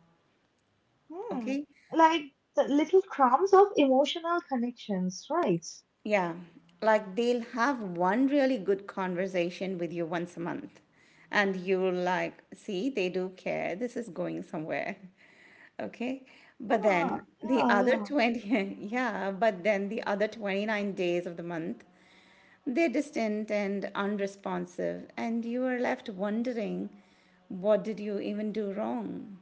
A: hmm. Like the
B: Okay?
A: little crumbs of emotional connections, right?
B: Yeah. Like, they'll have one really good conversation with you once a month, and you're like, see, they do care. This is going somewhere. Okay. But
A: Ah,
B: then
A: yeah,
B: the
A: yeah.
B: other 20, yeah, but then the other 29 days of the month, they're distant and unresponsive, and you are left wondering, what did you even do wrong?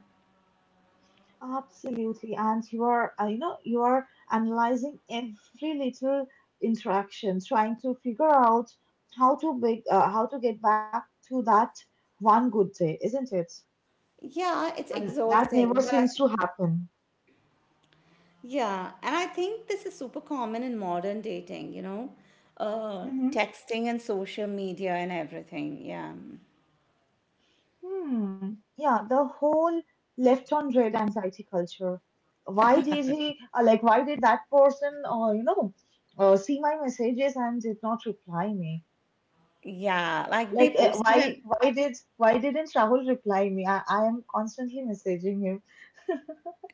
A: Absolutely. And you are, you know, you are analyzing every little interaction, trying to figure out how to get back to that one good day, isn't it?
B: Yeah, it's
A: And that never
B: exhausting, but
A: seems to happen.
B: yeah, and I think this is super common in modern dating, you know,
A: Hmm.
B: texting and social media and everything. Yeah.
A: Hmm. Yeah, the whole left on red anxiety culture. Why did he, like, why did that person, see my messages and did not reply me?
B: Yeah, like they
A: Like,
B: posted an
A: why did, why didn't Rahul reply me? I am constantly messaging him.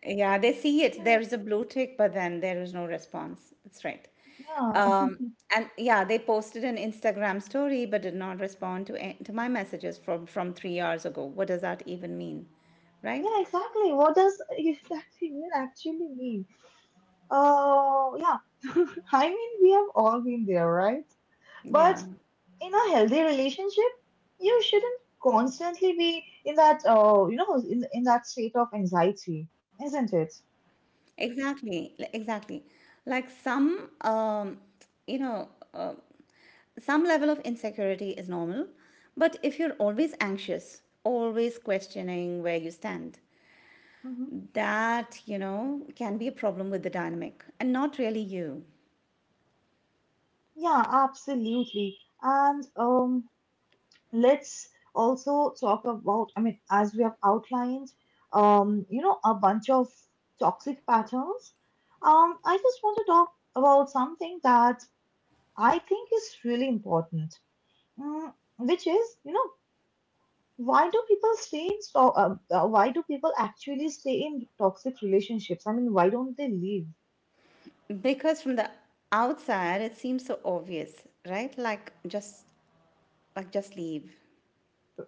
B: Yeah, they see it. There is a blue tick, but then there is no response. That's right.
A: Yeah,
B: Um, and yeah, they posted an Instagram story, but did not respond to to my messages from 3 hours ago. What does that even mean, right?
A: yeah, exactly. What does that even actually mean? Oh, yeah. I mean, we have all been there, right? But
B: Yeah,
A: in a healthy relationship, you shouldn't constantly be in that, in that state of anxiety, isn't it?
B: exactly. Like, some, you know, uh, some level of insecurity is normal, but if you're always anxious, always questioning where you stand,
A: Mm-hmm.
B: that, you know, can be a problem with the dynamic and not really you.
A: Yeah, absolutely. And let's also talk about, I mean, as we have outlined, you know, a bunch of toxic patterns. I just want to talk about something that I think is really important, mm, which is, you know, why do people actually stay in toxic relationships? I mean, why don't they leave?
B: Because from the outside it seems so obvious, right? Like, just, like just leave.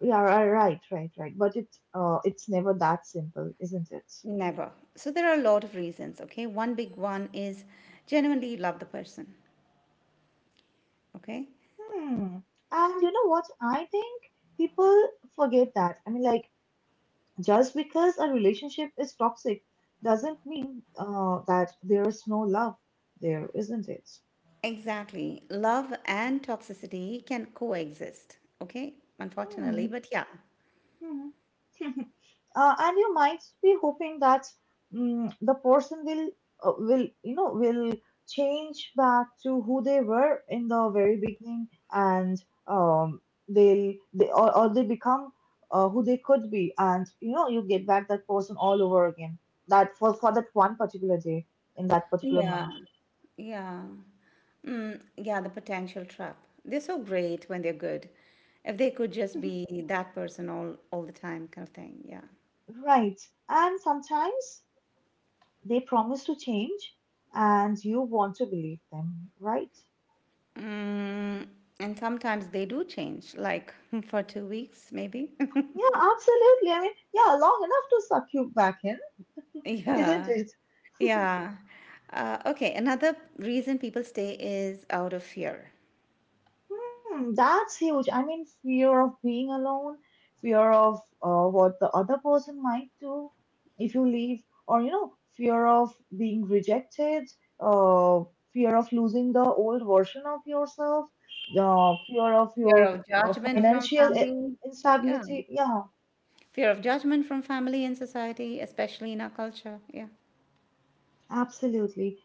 A: Yeah, right, right, right. But it, it's never that simple, isn't it?
B: Never. So there are a lot of reasons. Okay, one big one is genuinely love the person. Okay.
A: Hmm. And you know what? I think people forget that. I mean, like, just because a relationship is toxic doesn't mean that there is no love there, isn't it?
B: Exactly, love and toxicity can coexist, okay, unfortunately.
A: Hmm.
B: But yeah.
A: Hmm. And you might be hoping that the person will uh, will you know will change back to who they were in the very beginning and um they'll they or they become who they could be and you know you get back that person all over again, that for that one particular day in that particular month.
B: Yeah. Yeah. Mm, yeah, the potential trap. They're so great when they're good. If they could just be that person all the time, kind of thing. Yeah.
A: Right, and sometimes they promise to change and you want to believe them, right?
B: Mm, and sometimes they do change, like, for 2 weeks, maybe.
A: Yeah, absolutely. I mean, yeah, long enough to suck you back in, isn't
B: Yeah,
A: it?
B: yeah. Okay, another reason people stay is out of fear.
A: Hmm, that's huge. I mean, fear of being alone, fear of what the other person might do if you leave, or you know, fear of being rejected, uh, fear of losing the old version of yourself, fear of your
B: Fear of judgment from
A: financial
B: family. Yeah.
A: instability. Yeah,
B: Fear of judgment from family and society, especially in our culture. Yeah.
A: absolutely.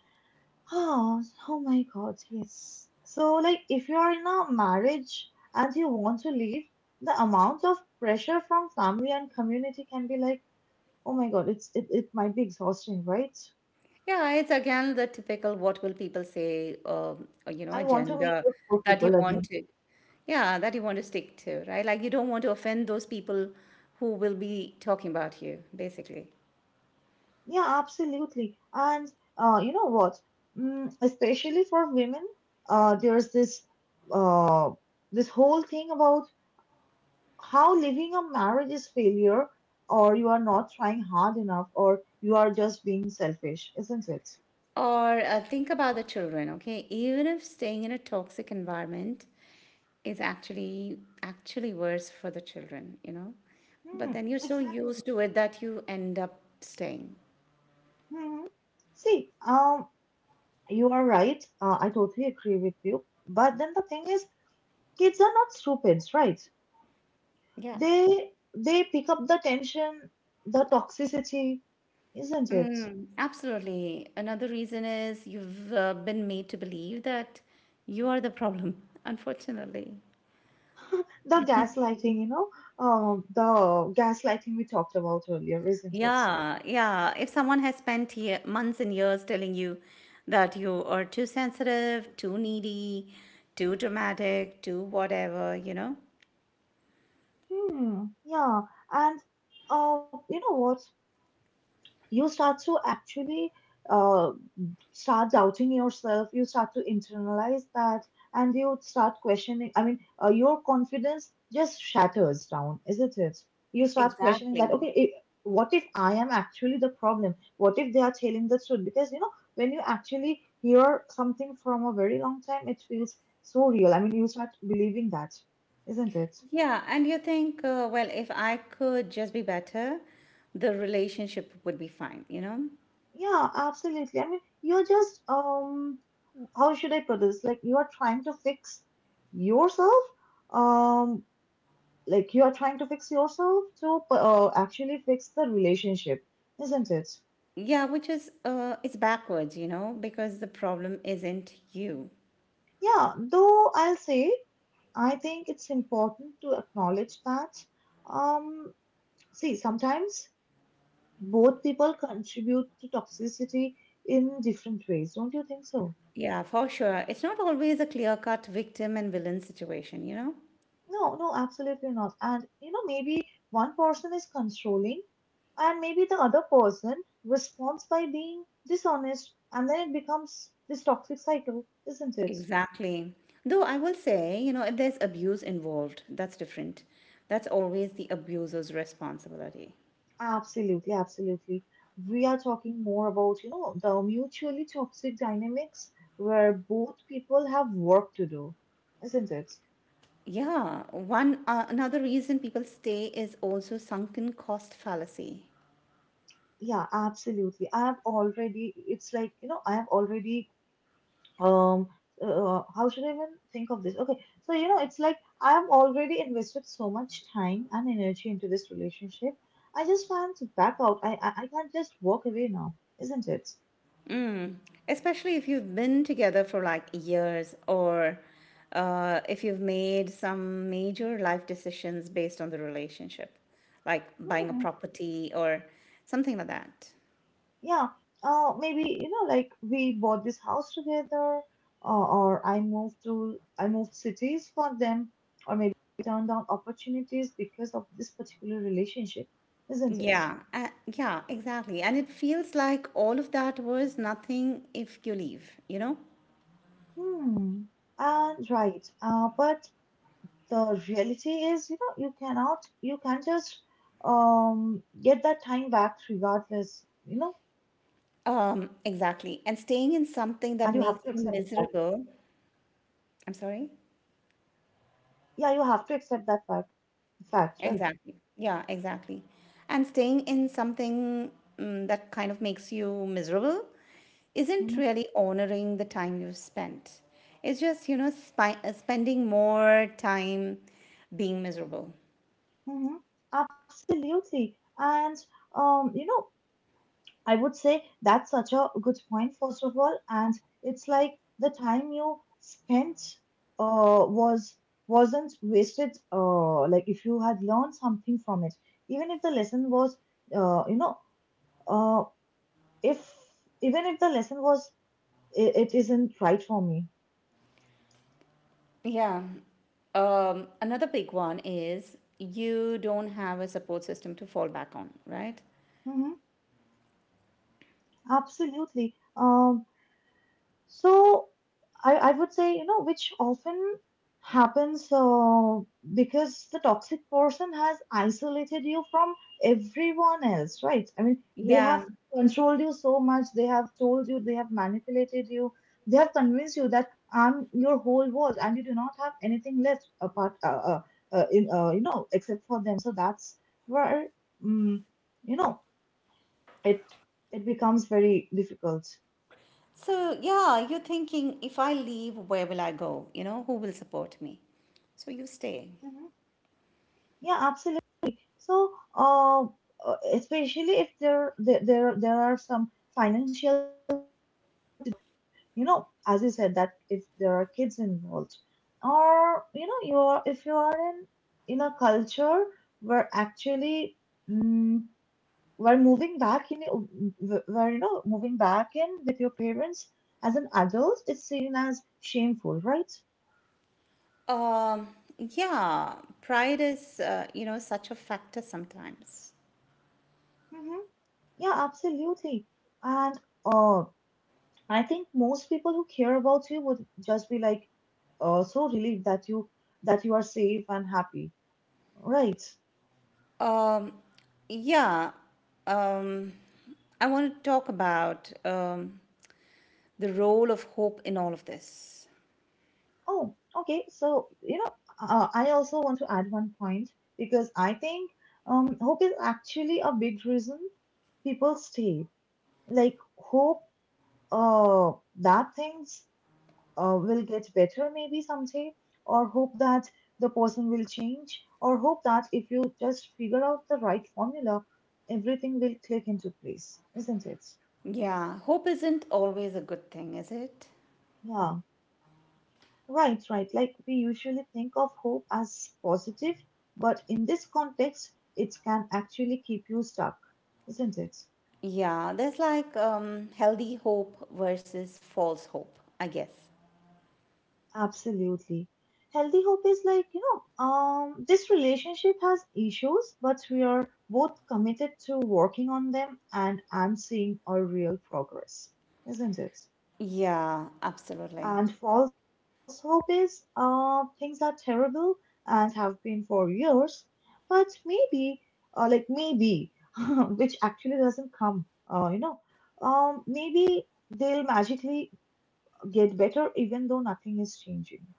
A: Oh, oh my God, yes. So, like, if you are in a marriage and you want to leave, the amount of pressure from family and community can be like, oh my God, it might be exhausting, right?
B: Yeah, it's again the typical what will people say, or, you know,
A: I want to meet
B: agenda
A: those four
B: that you
A: people
B: want
A: again.
B: to, yeah, that you want to stick to, right? Like, you don't want to offend those people who will be talking about you, basically.
A: Yeah, absolutely. And you know what? Especially for women, there's this uh, this whole thing about how living a marriage is failure or you are not trying hard enough or you are just being selfish, isn't it?
B: Or think about the children, okay? Even if staying in a toxic environment is actually worse for the children, you know? But
A: Hmm,
B: then you're so
A: exactly.
B: used to it that you end up staying.
A: Hmm. See, you are right. I totally agree with you. But then the thing is, kids are not stupid, right?
B: Yeah.
A: They they pick up the tension, the toxicity, isn't it?
B: Mm, absolutely. Another reason is you've been made to believe that you are the problem, unfortunately.
A: The gaslighting, you know, uh, the gaslighting we talked about earlier, isn't it?
B: Yeah, yeah. If someone has spent months and years telling you that you are too sensitive, too needy, too dramatic, too whatever, you know?
A: Hmm, yeah, and you know what? You start to actually uh, start doubting yourself. You start to internalize that, and you start questioning. I mean, your confidence just shatters down, isn't it? You start questioning that.
B: Exactly.
A: Okay, I What if I am actually the problem? What if they are telling the truth? Because you know, when you actually hear something from a very long time, it feels so real. I mean, you start believing that, isn't it?
B: Yeah, and you think, well, if I could just be better, the relationship would be fine, you know?
A: Yeah, absolutely. I mean, you're just how should I put this? Like you are trying to fix yourself. Um, like you are trying to fix yourself to actually fix the relationship, isn't it?
B: Yeah, which is it's backwards, you know, because the problem isn't you.
A: Yeah, though I'll say I think it's important to acknowledge that. Um, see, sometimes both people contribute to toxicity in different ways. Don't you think so?
B: Yeah, for sure. It's not always a clear-cut victim and villain situation, you know?
A: No, no, absolutely not. And you know, maybe one person is controlling, and maybe the other person responds by being dishonest, and then it becomes this toxic cycle, isn't it?
B: Exactly. Though I will say, you know, if there's abuse involved, that's different. That's always the abuser's responsibility.
A: Absolutely, absolutely. We are talking more about, you know, the mutually toxic dynamics where both people have work to do, isn't it?
B: Yeah, one another reason people stay is also sunken cost fallacy.
A: Yeah, absolutely. I have already, it's like, you know, I have already um how should I even think of this? Okay, so you know it's like I have already invested so much time and energy into this relationship. I just can't back out, I can't just walk away now, isn't it?
B: Especially if you've been together for like years, or if you've made some major life decisions based on the relationship, like buying a
A: Hmm.
B: property or something like that.
A: Yeah, maybe you know like we bought this house together, or I moved cities for them, or maybe I turned down opportunities because of this particular relationship, isn't it?
B: Yeah, yeah, exactly. And it feels like all of that was nothing if you leave, you know?
A: Hmm. And right, but the reality is you know you can't just get that time back regardless, you know.
B: Exactly. And
A: And you
B: staying
A: have
B: in
A: to accept
B: something that
A: that.
B: makes you miserable. I'm sorry?
A: Yeah, you have to accept that fact, right?
B: Exactly. Yeah, exactly. And staying in something, that kind of makes you miserable, isn't
A: Mm-hmm.
B: really honoring the time you've spent. It's just, you know, spending more time being miserable.
A: Mm-hmm. Absolutely. And you know, I would say that's such a good point first of all. And it's like the time you spent uh was wasn't wasted, like if you had learned something from it, even if the lesson was you know uh, if even if the lesson was it, it isn't right for me.
B: Yeah. Another big one is you don't have a support system to fall back on, right?
A: Mm-hmm. Absolutely. So I would say, you know, which often happens, because the toxic person has isolated you from everyone else, right? I mean, they have
B: Yeah.
A: controlled you so much, they have told you, they have manipulated you, they have convinced you that I'm your whole world and you do not have anything left apart, you know, except for them. So that's where, um, you know, it it becomes very difficult.
B: So, yeah, you're thinking, if I leave, where will I go? You know, who will support me? So you stay.
A: Hmm. Yeah, absolutely. So, especially if there are some financial, you know, as you said, that if there are kids involved, or you know, you are if you are in a culture where actually mm we're moving back in, wh- where you know, moving back in with your parents as an adult is seen as shameful, right?
B: Um, yeah, pride is, you know, such a factor sometimes.
A: Mm-hmm. Yeah, absolutely. And uh, I think most people who care about you would just be like, so relieved that you are safe and happy, right?
B: Um, yeah, um, I want to talk about, the role of hope in all of this.
A: Oh, okay. So you know, I also want to add one point because I think hope is actually a big reason people stay. Like hope, uh, that things will get better maybe someday, or hope that the person will change, or hope that if you just figure out the right formula everything will click into place, isn't it?
B: Yeah, hope isn't always a good thing, is it?
A: Yeah, right, right, like we usually think of hope as positive, but in this context it can actually keep you stuck, isn't it?
B: Yeah, there's like, healthy hope versus false hope, I guess.
A: Absolutely. Healthy hope is like, you know, this relationship has issues, but we are both committed to working on them, and I'm seeing a real progress, isn't it?
B: Yeah, absolutely.
A: And false hope is, things are terrible and have been for years, but maybe, maybe, which actually doesn't come, uh, you know, maybe they'll magically get better even though nothing is changing.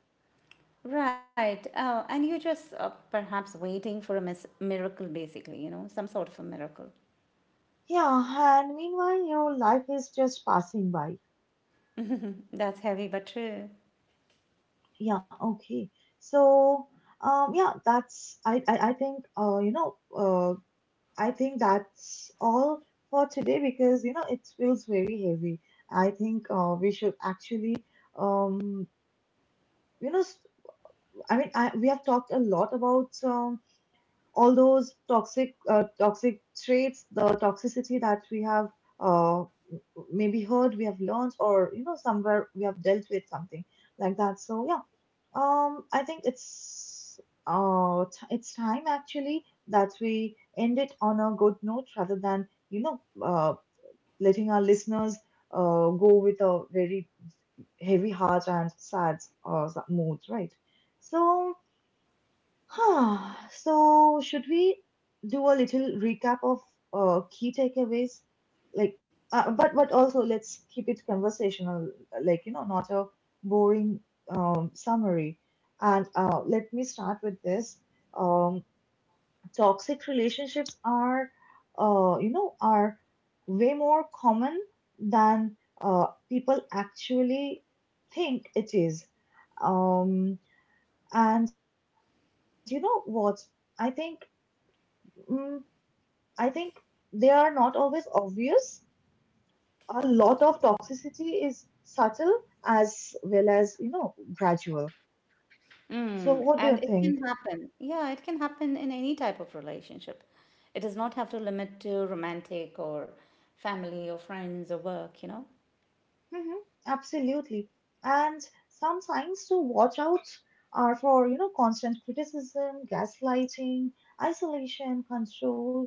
B: Right. Oh, and you're just perhaps waiting for a miracle, basically, you know, some sort of a miracle.
A: Yeah, and meanwhile, your life is just passing by.
B: That's heavy but true.
A: Yeah, okay. So, yeah, I think I think that's all for today because you know it feels very heavy. I think we should actually um you know s- I mean I we have talked a lot about all those toxic traits, the toxicity that we have uh, maybe heard, we have learned, or you know somewhere we have dealt with something like that. So yeah, I think it's it's time actually that we end it on a good note rather than you know letting our listeners go with a very heavy heart and sad mood, right? So so, should we do a little recap of key takeaways? Like, but also let's keep it conversational, like you know, not a boring summary. And let me start with this. Um, toxic relationships are, are way more common than people actually think it is. Um, and you know what? I think Mm, I think they are not always obvious. A lot of toxicity is subtle as well as, you know, gradual. So,
B: Mm.
A: what do you
B: And it can
A: think?
B: happen. Yeah, it can happen in any type of relationship. It does not have to limit to romantic, or family, or friends, or work, you know?
A: Hmm. Absolutely. And some signs to watch out are for, you know, constant criticism, gaslighting, isolation, control,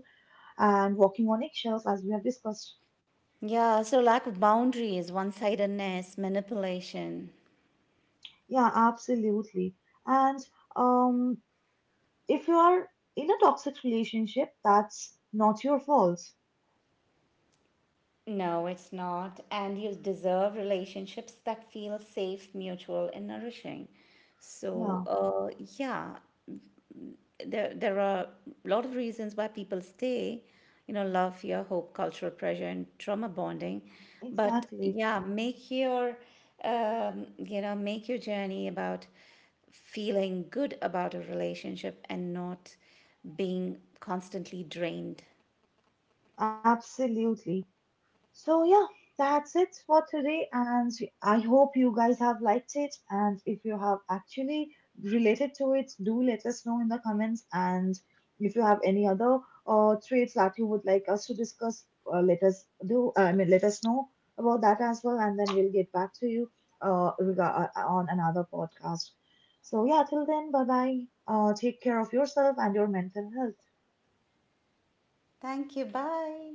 A: and walking on eggshells, as we have discussed.
B: Yeah, so lack of boundaries, one sidedness, manipulation.
A: Yeah, absolutely. And um, if you are in a toxic relationship, that's not your fault.
B: No, it's not. And you deserve relationships that feel safe, mutual, and nourishing. So,
A: Yeah,
B: yeah, there are a lot of reasons why people stay, you know, love, fear, hope, cultural pressure, and trauma bonding. But
A: exactly.
B: yeah, make your, you know, make your journey about feeling good about a relationship and not being constantly drained.
A: Absolutely. So, yeah, that's it for today. And I hope you guys have liked it. And if you have actually related to it, do let us know in the comments. And if you have any other traits that you would like us to discuss, let us do. I mean, let us know about that as well. And then we'll get back to you on another podcast. So, yeah, till then, bye bye. Take care of yourself and your mental health.
B: Thank you. Bye.